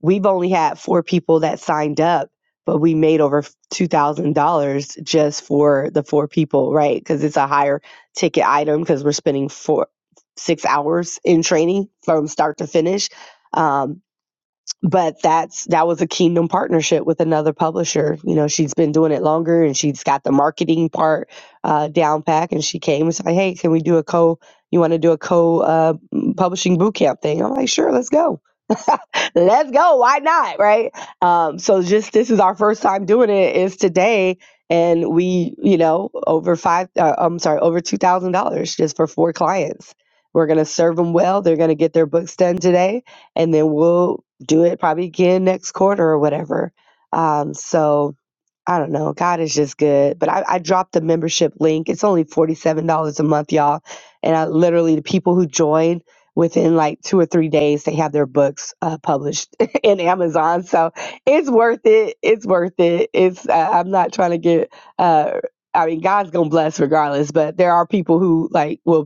[SPEAKER 6] we've only had four people that signed up but we made over $2000 just for the four people right because it's a higher ticket item because we're spending four six hours in training from start to finish um, but that's that was a kingdom partnership with another publisher you know she's been doing it longer and she's got the marketing part uh, down pack and she came and said hey can we do a co you want to do a co uh, publishing boot camp thing i'm like sure let's go let's go. Why not? Right. Um, so just this is our first time doing it is today. And we, you know, over five, uh, I'm sorry, over $2,000 just for four clients. We're going to serve them well. They're going to get their books done today. And then we'll do it probably again next quarter or whatever. Um, so, I don't know. God is just good. But I, I dropped the membership link. It's only $47 a month, y'all. And I literally, the people who join within like two or three days, they have their books uh, published in Amazon. So it's worth it. It's worth it. It's, uh, I'm not trying to get, uh, I mean, God's going to bless regardless, but there are people who like will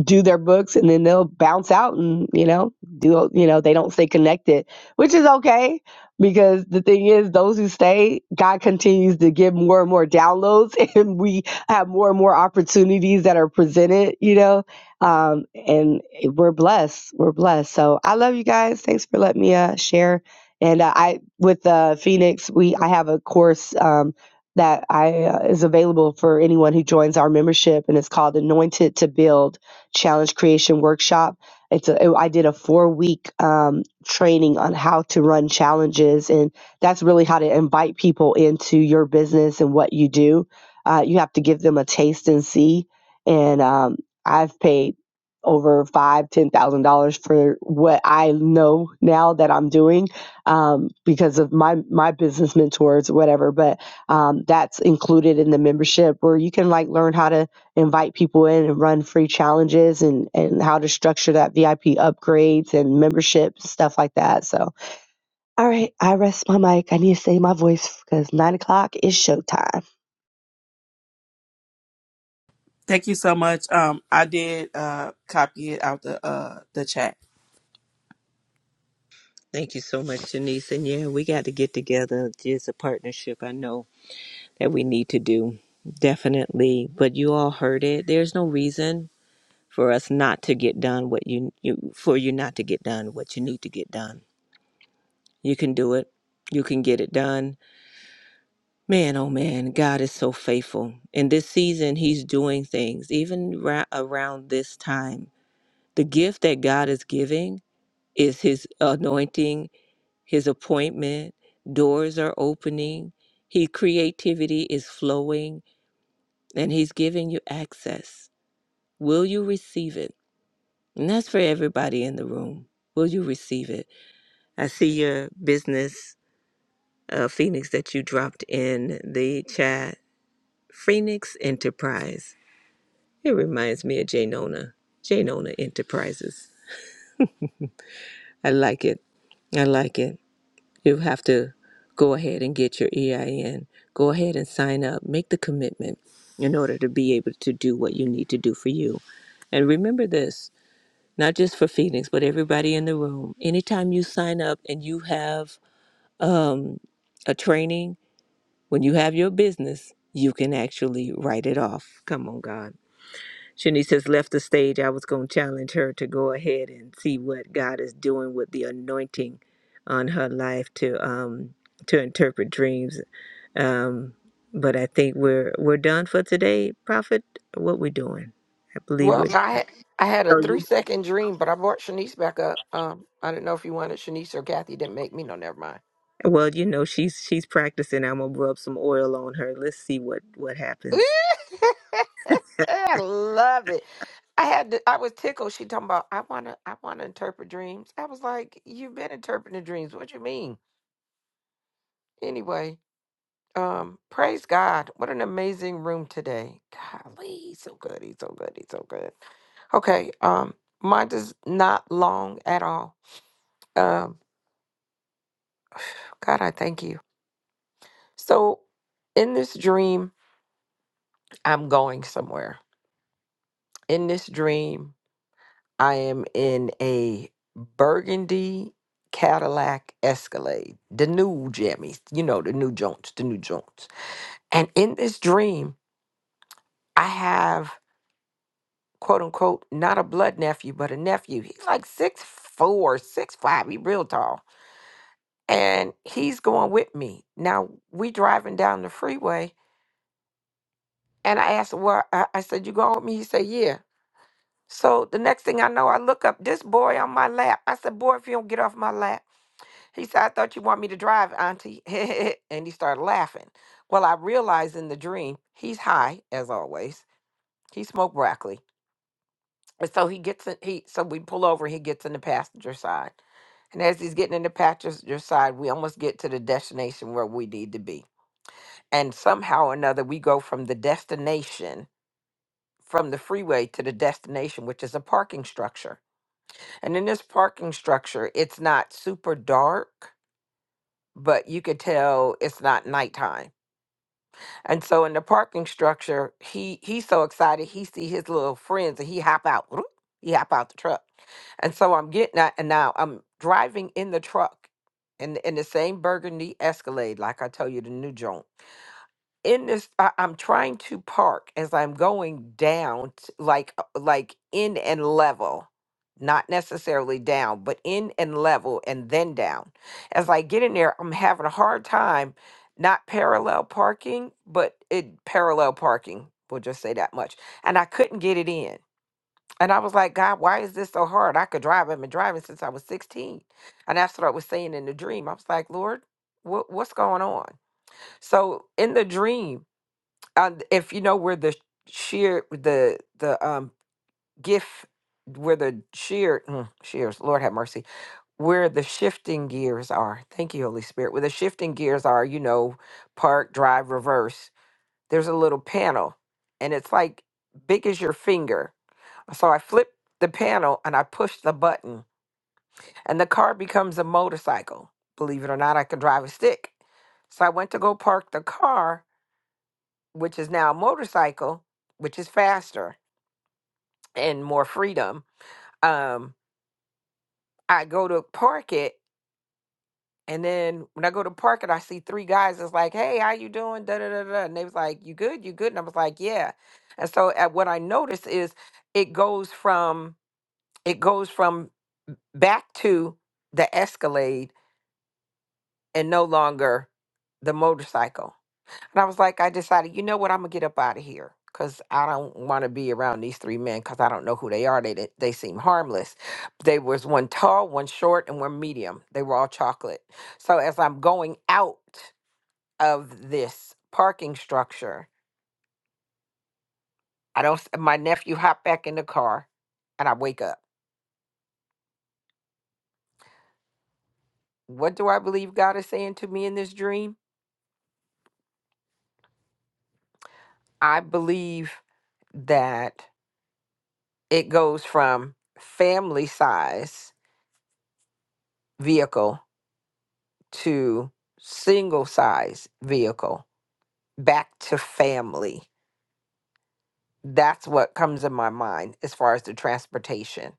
[SPEAKER 6] do their books and then they'll bounce out and you know do you know they don't stay connected which is okay because the thing is those who stay god continues to give more and more downloads and we have more and more opportunities that are presented you know um, and we're blessed we're blessed so i love you guys thanks for letting me uh, share and uh, i with uh, phoenix we i have a course um, that I uh, is available for anyone who joins our membership, and it's called "Anointed to Build." challenge creation workshop. It's a, it- I did a four week um, training on how to run challenges, and that's really how to invite people into your business and what you do. Uh, you have to give them a taste and see. And um, I've paid over five, ten thousand dollars for what I know now that I'm doing um, because of my my business mentors, whatever. But um, that's included in the membership where you can like learn how to invite people in and run free challenges and and how to structure that VIP upgrades and membership stuff like that. So, all right, I rest my mic. I need to save my voice because nine o'clock is showtime.
[SPEAKER 5] Thank you so much. Um, I did uh, copy it out the uh, the chat.
[SPEAKER 3] Thank you so much, Janice. And yeah, we got to get together. It's a partnership I know that we need to do. Definitely. But you all heard it. There's no reason for us not to get done what you, you for you not to get done what you need to get done. You can do it. You can get it done. Man, oh man, God is so faithful. In this season, He's doing things, even ra- around this time. The gift that God is giving is His anointing, His appointment. Doors are opening. His creativity is flowing, and He's giving you access. Will you receive it? And that's for everybody in the room. Will you receive it? I see your business, uh, Phoenix, that you dropped in the chat. Phoenix Enterprise. It reminds me of Janona, Janona Enterprises. I like it. I like it. You have to go ahead and get your EIN. Go ahead and sign up. Make the commitment in order to be able to do what you need to do for you. And remember this, not just for Phoenix, but everybody in the room. Anytime you sign up and you have um, a training, when you have your business, you can actually write it off. Come on, God. Shanice has left the stage. I was going to challenge her to go ahead and see what God is doing with the anointing on her life to um to interpret dreams. Um, but I think we're we're done for today, Prophet. What we doing? I believe
[SPEAKER 1] Well,
[SPEAKER 3] we're
[SPEAKER 1] I had I had a three second dream, but I brought Shanice back up. Um, I didn't know if you wanted Shanice or Kathy. Didn't make me. No, never mind.
[SPEAKER 3] well. You know, she's she's practicing. I'm gonna rub some oil on her. Let's see what what happens.
[SPEAKER 1] I love it. I had to, I was tickled. She talking about I wanna I wanna interpret dreams. I was like, you've been interpreting dreams. What you mean? Anyway, um, praise God. What an amazing room today. Golly, he's so good. He's so good. He's so good. Okay. Um, mine is not long at all. Um, God, I thank you. So, in this dream, I'm going somewhere. In this dream, I am in a burgundy Cadillac Escalade, the new jammies, you know, the new Jones, the new Jones. And in this dream, I have quote unquote not a blood nephew, but a nephew. He's like six four, six five. He real tall, and he's going with me. Now we driving down the freeway, and I asked, "Well," I I said, "You going with me?" He said, "Yeah." So the next thing I know, I look up this boy on my lap. I said, Boy, if you don't get off my lap. He said, I thought you want me to drive, Auntie. and he started laughing. Well, I realized in the dream, he's high, as always. He smoked broccoli. And so he gets in, he so we pull over, he gets in the passenger side. And as he's getting in the passenger side, we almost get to the destination where we need to be. And somehow or another, we go from the destination, from the freeway to the destination, which is a parking structure. And in this parking structure, it's not super dark, but you could tell it's not nighttime. And so in the parking structure, he he's so excited, he see his little friends and he hop out. He hop out the truck. And so I'm getting out and now I'm driving in the truck in in the same burgundy Escalade, like I tell you, the new joint in this I, i'm trying to park as i'm going down t- like uh, like in and level not necessarily down but in and level and then down as i get in there i'm having a hard time not parallel parking but it parallel parking we'll just say that much and i couldn't get it in and i was like god why is this so hard i could drive i've been driving since i was 16 and that's what i was saying in the dream i was like lord what, what's going on so in the dream and if you know where the shear the the um gif where the shear mm, shears lord have mercy where the shifting gears are thank you holy spirit where the shifting gears are you know park drive reverse there's a little panel and it's like big as your finger so i flip the panel and i push the button and the car becomes a motorcycle believe it or not i can drive a stick so i went to go park the car which is now a motorcycle which is faster and more freedom. Um, I go to park it, and then when I go to park it, I see three guys. that's like, "Hey, how you doing?" Da da da da. And they was like, "You good? You good?" And I was like, "Yeah." And so, at what I noticed is it goes from it goes from back to the Escalade and no longer the motorcycle. And I was like, I decided, you know what, I'm gonna get up out of here because I don't want to be around these three men because I don't know who they are. They didn't- they seem harmless. They was one tall, one short, and one medium. They were all chocolate. So as I'm going out of this parking structure, I don't. s- My nephew hopped back in the car, and I wake up. What do I believe God is saying to me in this dream? I believe that it goes from family size vehicle to single size vehicle back to family. That's what comes in my mind as far as the transportation.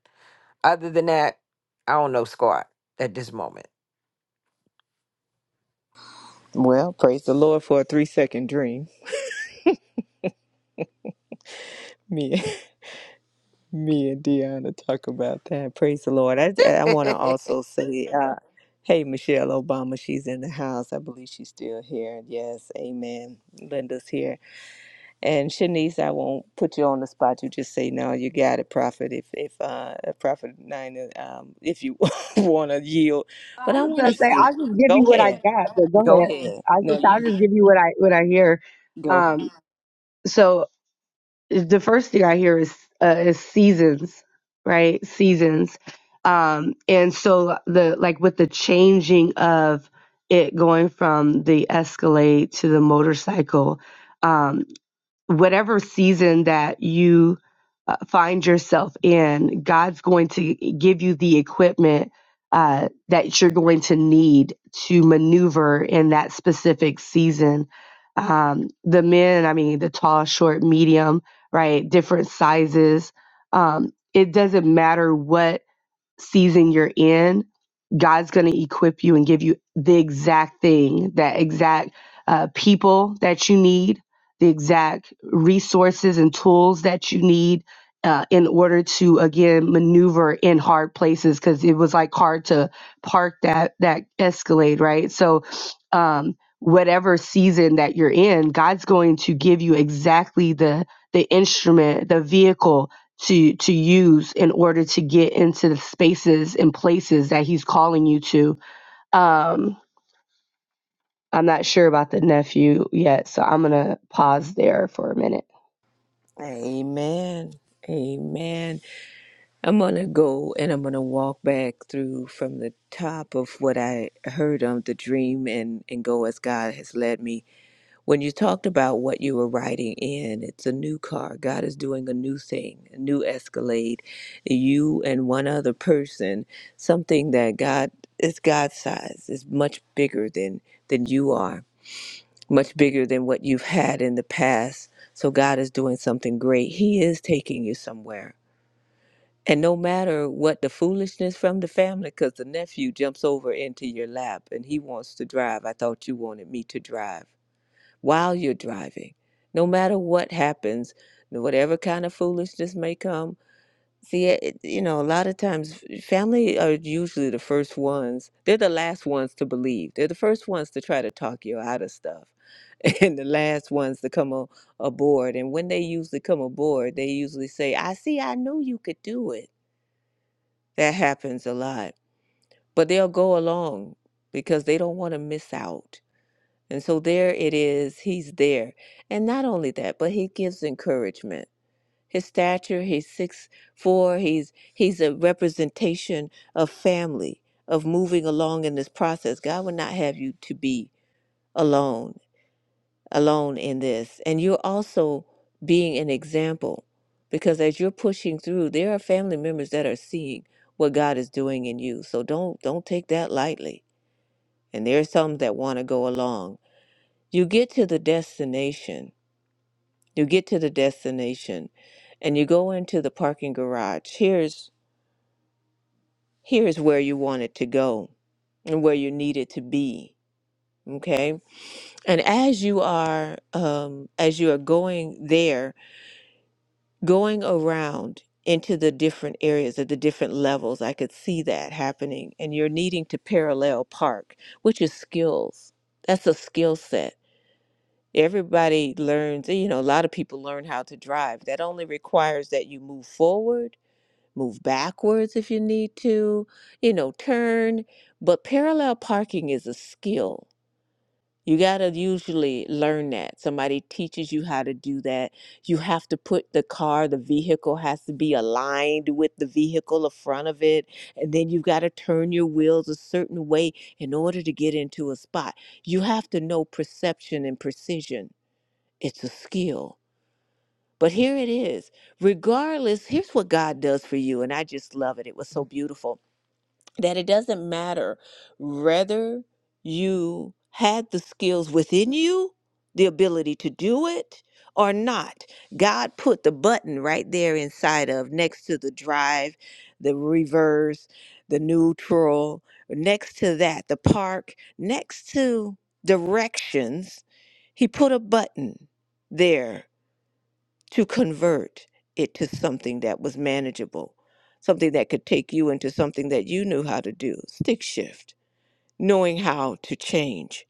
[SPEAKER 1] Other than that, I don't know squat at this moment.
[SPEAKER 3] Well, praise the Lord for a three second dream. Me. Me and Deanna talk about that. Praise the Lord. I, I want to also say, uh, hey, Michelle Obama, she's in the house. I believe she's still here. Yes, amen. Linda's here. And Shanice, I won't put you on the spot. You just say, no, you got it, Prophet, if, if uh, Prophet Nina, um, if you want to yield.
[SPEAKER 6] I
[SPEAKER 3] But I
[SPEAKER 6] was
[SPEAKER 3] want
[SPEAKER 6] gonna
[SPEAKER 3] to
[SPEAKER 6] say
[SPEAKER 3] see,
[SPEAKER 6] I'll just give you
[SPEAKER 3] go
[SPEAKER 6] what I
[SPEAKER 3] ahead.
[SPEAKER 6] got, but go
[SPEAKER 3] Go
[SPEAKER 6] ahead.
[SPEAKER 3] ahead.
[SPEAKER 6] I was
[SPEAKER 3] No,
[SPEAKER 6] just I'll
[SPEAKER 3] you
[SPEAKER 6] just give you what I what I hear.
[SPEAKER 3] go ahead.
[SPEAKER 6] Um, so the first thing I hear is uh, is seasons, right? Seasons, um, and so the like with the changing of it going from the Escalade to the motorcycle. um, whatever season that you uh, find yourself in, God's going to give you the equipment uh, that you're going to need to maneuver in that specific season. Um, the men, I mean, the tall, short, medium, right? Different sizes. Um, it doesn't matter what season you're in, God's going to equip you and give you the exact thing, that exact uh, people that you need, the exact resources and tools that you need uh, in order to again maneuver in hard places because it was like hard to park that that Escalade, right? So. Um, whatever season that you're in god's going to give you exactly the the instrument the vehicle to to use in order to get into the spaces and places that he's calling you to um i'm not sure about the nephew yet so i'm gonna pause there for a minute
[SPEAKER 3] Amen. Amen. I'm going to go and I'm going to walk back through from the top of what I heard on the dream and, and go as God has led me. When you talked about what you were riding in, it's a new car. God is doing a new thing, a new escalade. You and one other person, something that God is God's size, is much bigger than, than you are, much bigger than what you've had in the past. So God is doing something great. He is taking you somewhere and no matter what the foolishness from the family, because the nephew jumps over into your lap and he wants to drive. I thought you wanted me to drive while you're driving. No matter what happens, whatever kind of foolishness may come. See, eh, it, you know, a lot of times eh, family are usually the first ones. They're the last ones to believe. They're the first ones to try to talk you out of stuff and the last ones to come on, aboard. And when they usually come aboard, they usually say, I see, I knew you could do it that happens a lot. But they'll go along because they don't want to miss out. And so there it is. He's there. And not only that, but he gives encouragement. His stature, he's six four, he's he's a representation of family, of moving along in this process. God would not have you to be alone alone in this. And you're also being an example because as you're pushing through, there are family members that are seeing what God is doing in you. So don't don't take that lightly. And there are some that want to go along. You get to the destination. You get to the destination and you go into the parking garage. Here's here's where you want it to go and where you need it to be. Okay. And as you are um as you are going there going around into the different areas at the different levels, I could see that happening. And you're needing to parallel park, which is skills. That's a skill set. Everybody learns, eh, you know, a lot of people learn how to drive. That only requires that you move forward, move backwards if you need to, you know, turn. But parallel parking is a skill you got to usually learn that. Somebody teaches you how to do that. You have to put the car, the vehicle has to be aligned with the vehicle in front of it. And then you've got to turn your wheels a certain way in order to get into a spot. You have to know perception and precision. It's a skill. But here it is. Regardless, here's what God does for you. And I just love it. It was so beautiful that it doesn't matter whether you had the skills within you, the ability to do it or not. God put the button right there inside of next to the drive, the reverse, the neutral, next to that, the park, next to directions. He put a button there to convert it to something that was manageable, something that could take you into something that you knew how to do. Stick shift, knowing how to change.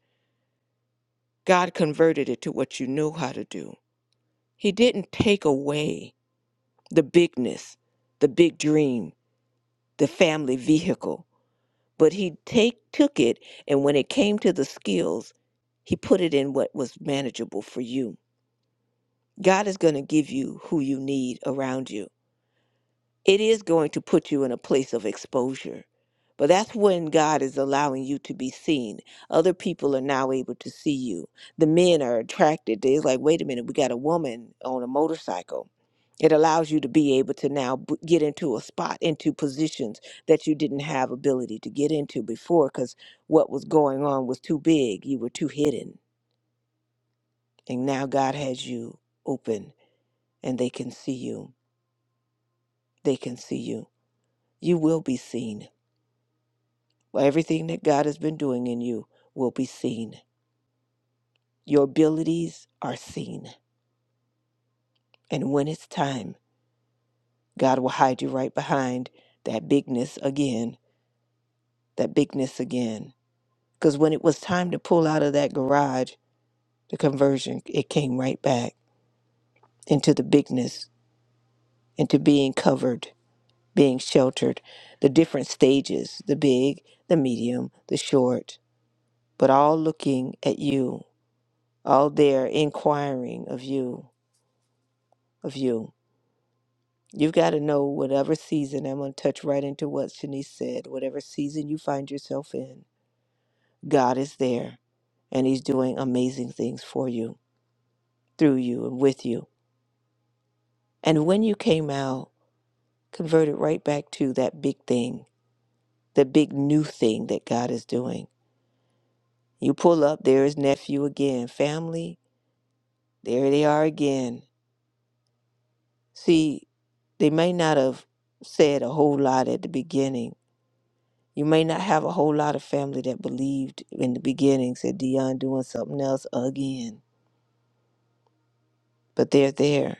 [SPEAKER 3] God converted it to what you know how to do. He didn't take away the bigness, the big dream, the family vehicle, but he take took it and when it came to the skills, he put it in what was manageable for you. God is going to give you who you need around you. it is going to put you in a place of exposure. But that's when God is allowing you to be seen. Other people are now able to see you. The men are attracted. They're like, wait a minute, we got a woman on a motorcycle. It allows you to be able to now b- get into a spot, into positions that you didn't have ability to get into before because what was going on was too big. You were too hidden. And now God has you open and they can see you. They can see you. You will be seen Well, Everything that God has been doing in you will be seen. Your abilities are seen. And when it's time, God will hide you right behind that bigness again, that bigness again. Because when it was time to pull out of that garage, the conversion, it came right back into the bigness, into being covered, being sheltered, the different stages the big, the medium, the short, but all looking at you, all there inquiring of you, of you. You've got to know whatever season, I'm going to touch right into what Shanice said, whatever season you find yourself in, God is there and He's doing amazing things for you, through you, and with you. And when you came out, converted right back to that big thing, the big new thing that God is doing. You pull up, there is nephew again, family, there they are again. See, they may not have said a whole lot at the beginning You may not have a whole lot of family that believed in the beginning, said Dion doing something else again, but they're there.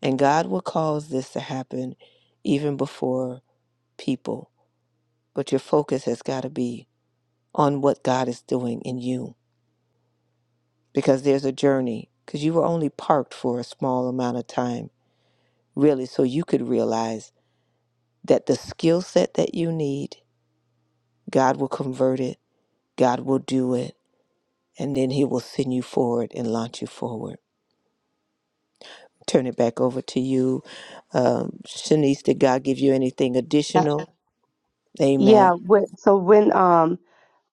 [SPEAKER 3] And God will cause this to happen even before people. But your focus has got to be on what God is doing in you because there's a journey, because you were only parked for a small amount of time, really, so you could realize that the skill set that you need, God will convert it, God will do it, and then He will send you forward and launch you forward. turn it back over to you. Um, Shanice, did God give you anything
[SPEAKER 6] Uh,
[SPEAKER 3] additional?
[SPEAKER 6] yeah
[SPEAKER 3] Amen.
[SPEAKER 6] wh- so when um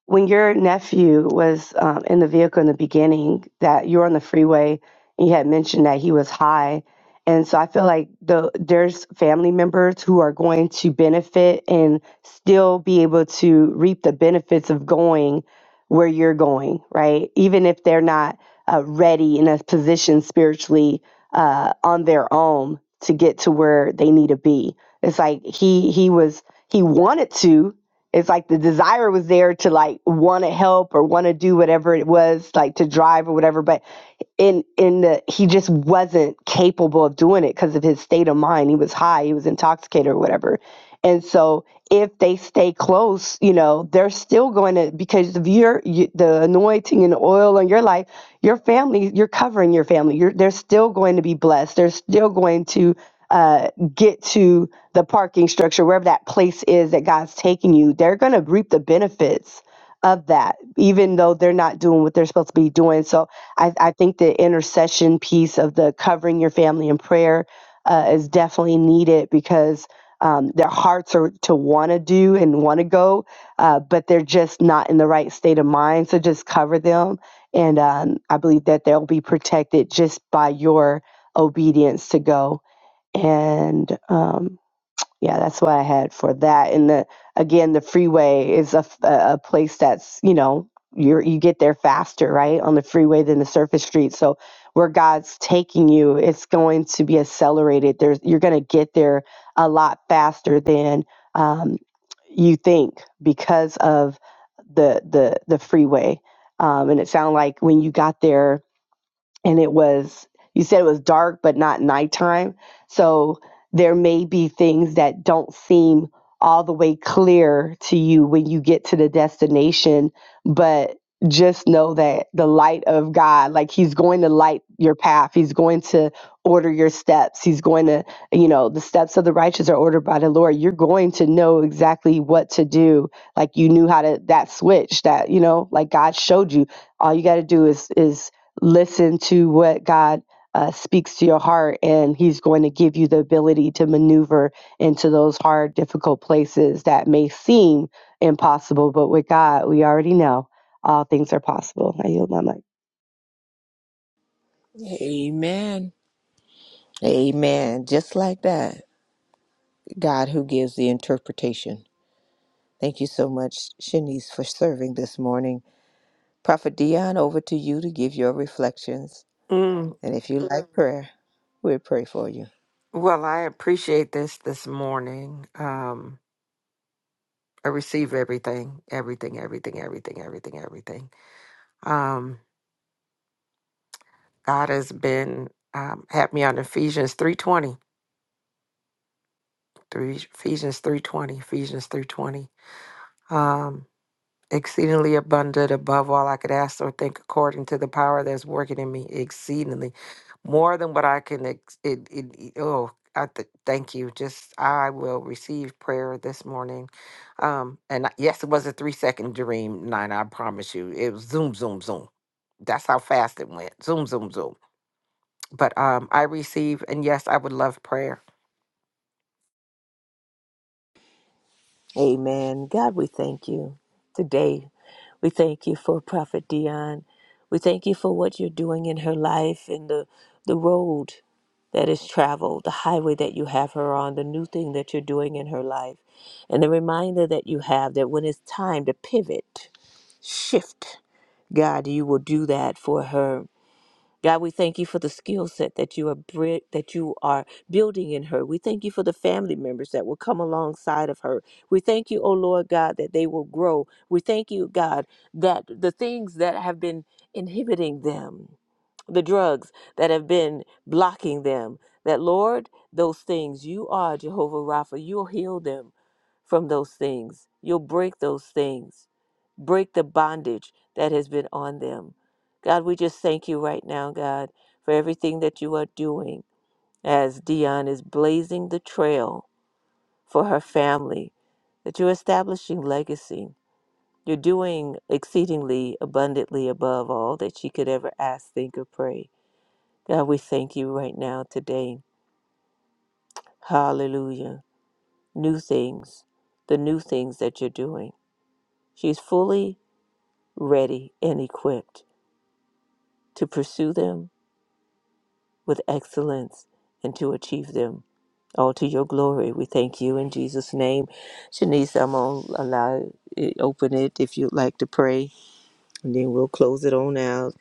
[SPEAKER 6] when your nephew was um, in the vehicle in the beginning that you were on the freeway and you had mentioned that he was high and so i feel like the there's family members who are going to benefit and still be able to reap the benefits of going where you're going right even if they're not uh, ready in a position spiritually uh, on their own to get to where they need to be it's like he he was he wanted to it's like the desire was there to like want to help or want to do whatever it was like to drive or whatever but in in the he just wasn't capable of doing it because of his state of mind he was high he was intoxicated or whatever and so if they stay close you know they're still going to because of your you, the anointing and the oil on your life your family you're covering your family you're they're still going to be blessed they're still going to uh, get to the parking structure wherever that place is that god's taking you they're going to reap the benefits of that, even though they're not doing what they're supposed to be doing. So I, I think the intercession piece of the covering your family in prayer uh, is definitely needed because um, their hearts are to want to do and want to go, uh, but they're just not in the right state of mind. So just cover them. And um, I believe that they'll be protected just by your obedience to go. And um, yeah, that's what I had for that. And the again, the freeway is a, f- a a place that's you know you you get there faster, right, on the freeway than the surface street. So where God's taking you, it's going to be accelerated. There's you're going to get there a lot faster than um, you think because of the the the freeway. Um, and it sounded like when you got there and it was you said it was dark but not nighttime so there may be things that don't seem all the way clear to you when you get to the destination but just know that the light of god like he's going to light your path he's going to order your steps he's going to you know the steps of the righteous are ordered by the lord you're going to know exactly what to do like you knew how to that switch that you know like god showed you all you got to do is is listen to what God uh, speaks to your heart, and He's going to give you the ability to maneuver into those hard, difficult places that may seem impossible. But with God, we already know all things are possible. I yield my mic.
[SPEAKER 3] Amen. Amen. Just like that, God who gives the interpretation. Thank you so much, Shanice, for serving this morning. Prophet Dion, over to you to give your reflections.
[SPEAKER 1] Mm,
[SPEAKER 3] And if you like prayer, we'll pray for you.
[SPEAKER 1] well, I appreciate this this morning. Um, I receive everything, everything, everything, everything, everything, everything. Um, God has been um, had me on Ephesians three twenty, three Ephesians three twenty, Ephesians 3:20. um, exceedingly abundant above all I could ask or think, according to the power that's working in me, exceedingly more than what I can. Ex- it, it, it- oh, I th- thank you. Just I will receive prayer this morning. Um, and I- yes, it was a three second dream, nine. I promise you, it was zoom, zoom, zoom. That's how fast it went. Zoom, zoom, zoom. But um, I receive, and yes, I would love prayer.
[SPEAKER 3] Amen. God, we thank you today. We thank you for Prophet Dion. We thank you for what you're doing in her life and the, the road that is traveled, the highway that you have her on, the new thing that you're doing in her life, and the reminder that you have that when it's time to pivot, shift, God, you will do that for her. God, we thank you for the skill set that you are bri- that you are building in her. We thank you for the family members that will come alongside of her. We thank you, O Lord God, that they will grow. We thank you, God, that the things that have been inhibiting them, the drugs that have been blocking them, that Lord, those things you are Jehovah Rapha. You'll heal them from those things. You'll break those things break the bondage that has been on them. God, we just thank you right now, God, for everything that you are doing as Dion is blazing the trail for her family, that you're establishing legacy. You're doing exceedingly abundantly above all that she could ever ask, think, or pray. God, we thank you right now today. Hallelujah. New things, the new things that you're doing. She's fully ready and equipped to pursue them with excellence and to achieve them all to your glory. We thank you in Jesus' name. Shanice, I'm going to allow it, open it if you'd like to pray, and then we'll close it on out.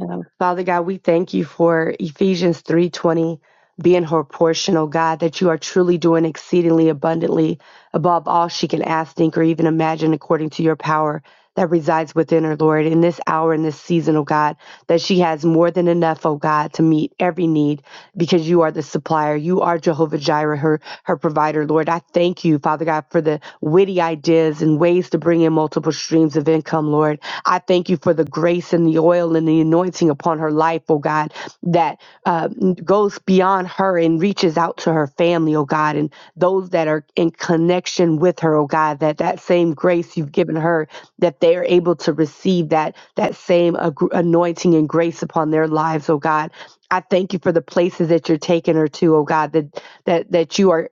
[SPEAKER 6] Um, Father God, we thank you for Ephesians 3:20 being her portion, oh God, that you are truly doing exceedingly abundantly above all she can ask, think, or even imagine according to your power that resides within her, Lord, in this hour, in this season, oh God, that she has more than enough, oh God, to meet every need because you are the supplier. You are Jehovah Jireh, her her provider. Lord, I thank you, Father God, for the witty ideas and ways to bring in multiple streams of income, Lord. I thank you for the grace and the oil and the anointing upon her life, oh God, that uh, goes beyond her and reaches out to her family, oh God, and those that are in connection with her, oh God, that that same grace you've given her, that they are able to receive that that same agr- anointing and grace upon their lives, oh God. I thank you for the places that you're taking her to, oh God, that that that you are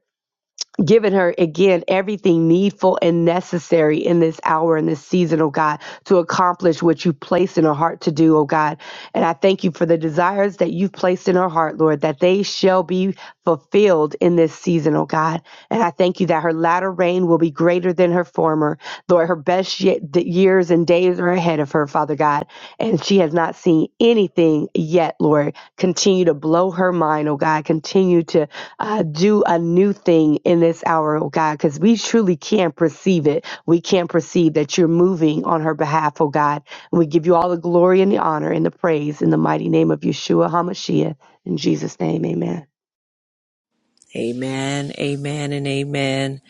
[SPEAKER 6] Giving her again everything needful and necessary in this hour, in this season, oh God, to accomplish what you placed in her heart to do, oh God. And I thank you for the desires that you've placed in her heart, Lord, that they shall be fulfilled in this season, oh God. And I thank you that her latter reign will be greater than her former, Lord. Her best ye- d- years and days are ahead of her, Father God. And she has not seen anything yet, Lord. Continue to blow her mind, oh God. Continue to uh, do a new thing in this hour, oh God, because we truly can't perceive it. We can't perceive that you're moving on her behalf, oh God. And we give you all the glory and the honor and the praise in the mighty name of Yeshua HaMashiach. In Jesus' name, amen.
[SPEAKER 3] Amen, amen, and amen.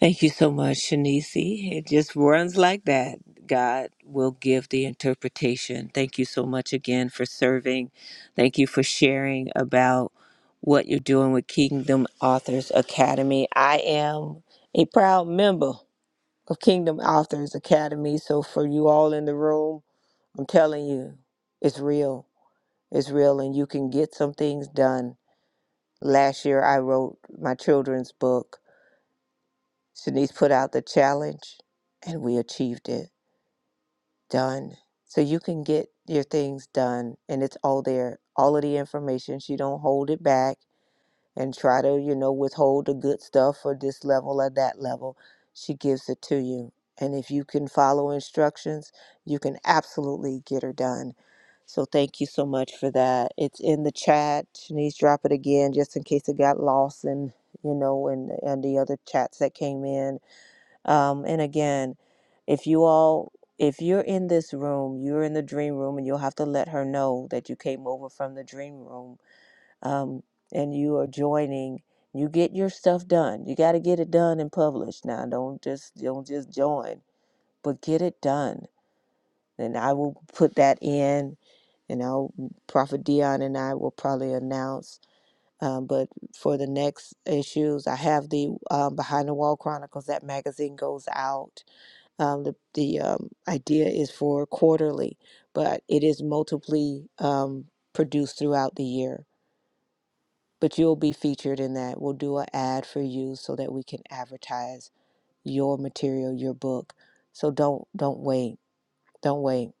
[SPEAKER 3] Thank you so much, Shanice. It just runs like that. God will give the interpretation. Thank you so much again for serving. Thank you for sharing about what you're doing with Kingdom Authors Academy. I am a proud member. of Kingdom Authors Academy. So for you all in the room, I'm telling you, it's real. It's real and you can get some things done. Last year I wrote my children's book. Shanice put out the challenge and we achieved it. Done. So you can get your things done and it's all there. All of the information. She don't hold it back. and try to, you know, withhold the good stuff or this level or that level. She gives it to you. And if you can follow instructions, you can absolutely get her done. So thank you so much for that. It's in the chat. Shanice, drop it again just in case it got lost in you know, and and the other chats that came in. Um, and again, if you all if you're in this room, you're in the dream room and you'll have to let her know that you came over from the dream room um, and you are joining you get your stuff done you got to get it done and published now don't just don't just join but get it done and i will put that in and i'll prophet dion and i will probably announce um, but for the next issues i have the um, behind the wall chronicles that magazine goes out um, the, the um, idea is for quarterly but it is multiply um, produced throughout the year but you'll be featured in that. We'll do an ad for you so that we can advertise your material, your book. So don't don't wait, don't wait,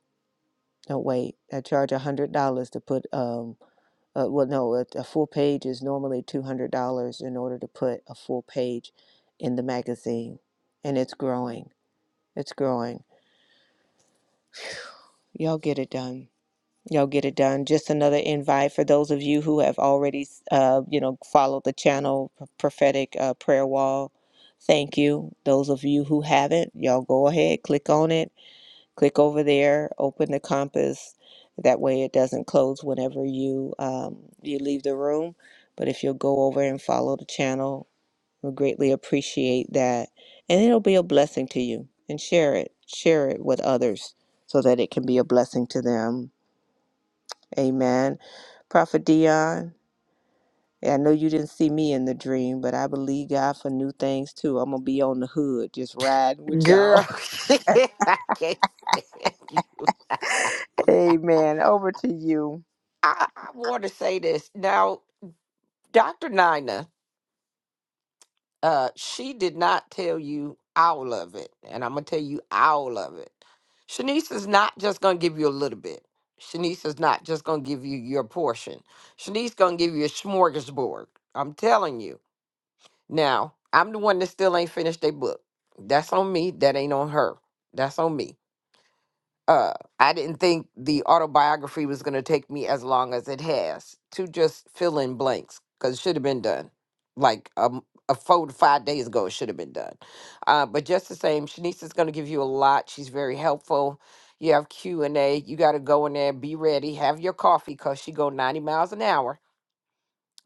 [SPEAKER 3] don't wait. I charge a hundred dollars to put um uh, well no a, a full page is normally two hundred dollars in order to put a full page in the magazine, and it's growing, it's growing. Y'all get it done. Y'all get it done. Just another invite for those of you who have already, uh, you know, followed the channel prophetic uh, prayer wall. Thank you. Those of you who haven't, y'all go ahead, click on it, click over there, open the compass. That way, it doesn't close whenever you um, you leave the room. But if you'll go over and follow the channel, we greatly appreciate that, and it'll be a blessing to you. And share it, share it with others, so that it can be a blessing to them Amen. Prophet Dion, I know you didn't see me in the dream, but I believe God for new things too. I'm going to be on the hood just riding with y'all.
[SPEAKER 1] Girl, I can't stand you.
[SPEAKER 3] Amen. Over to you.
[SPEAKER 1] I, I want to say this now, Doctor Nina. uh she did not tell you all of it and i'm gonna tell you all of it shanice is not just gonna give you a little bit shanice is not just gonna give you your portion shanice gonna give you a smorgasbord i'm telling you now i'm the one that still ain't finished their book that's on me that ain't on her that's on me uh, I didn't think the autobiography was going to take me as long as it has to just fill in blanks because it should have been done like um, a four to five days ago. It should have been done. Uh, but just the same, Shanice is going to give you a lot. She's very helpful. You have Q and A. You got to go in there, be ready, have your coffee because she go ninety miles an hour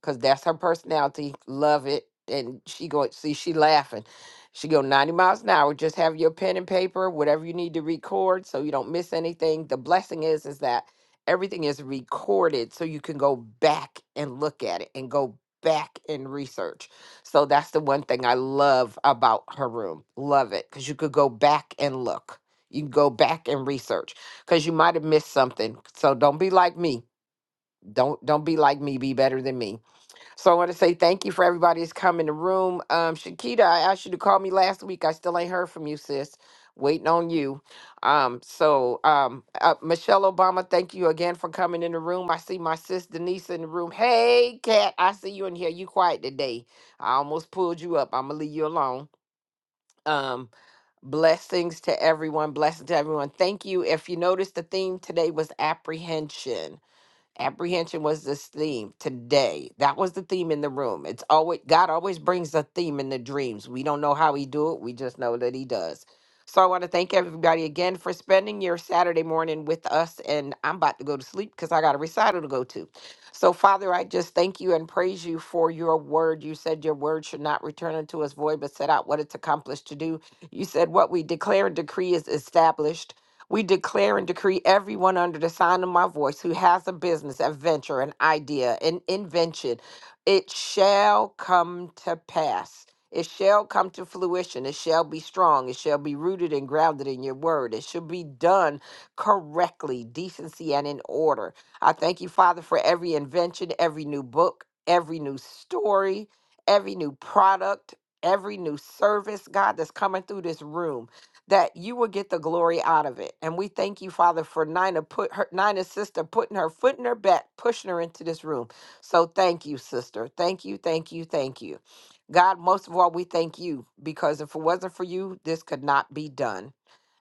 [SPEAKER 1] because that's her personality. Love it. And she go see she laughing. She go 90 miles an hour. Just have your pen and paper, whatever you need to record so you don't miss anything. The blessing is is that everything is recorded so you can go back and look at it and go back and research. So that's the one thing I love about her room. Love it cuz you could go back and look. You can go back and research cuz you might have missed something. So don't be like me. Don't don't be like me. Be better than me so I want to say thank you for everybody that's come in the room. Um, Shakita, I asked you to call me last week. I still ain't heard from you, sis. Waiting on you. Um, so um, uh, Michelle Obama, thank you again for coming in the room. I see my sis Denise in the room. Hey, Kat, I see you in here. You quiet today. I almost pulled you up. I'm gonna leave you alone. Um, blessings to everyone. Blessings to everyone. Thank you. If you noticed, the theme today was apprehension Apprehension was this theme today. That was the theme in the room. It's always God always brings a theme in the dreams. We don't know how he do it. We just know that he does. So I want to thank everybody again for spending your Saturday morning with us. And I'm about to go to sleep because I got a recital to go to. So, Father, I just thank you and praise you for your word. You said your word should not return unto us void, but set out what it's accomplished to do. You said what we declare and decree is established. We declare and decree everyone under the sign of my voice who has a business, a venture, an idea, an invention, it shall come to pass. It shall come to fruition. It shall be strong. It shall be rooted and grounded in your word. It shall be done correctly, decency, and in order. I thank you, Father, for every invention, every new book, every new story, every new product, every new service, God, that's coming through this room that you will get the glory out of it. And we thank you, Father, for Nina put her Nina's sister putting her foot in her back, pushing her into this room. So thank you, sister. Thank you, thank you, thank you. God, most of all, we thank you because if it wasn't for you, this could not be done.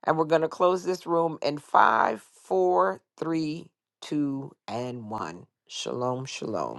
[SPEAKER 1] And we're gonna close this room in five, four, three, two, and one. Shalom, shalom.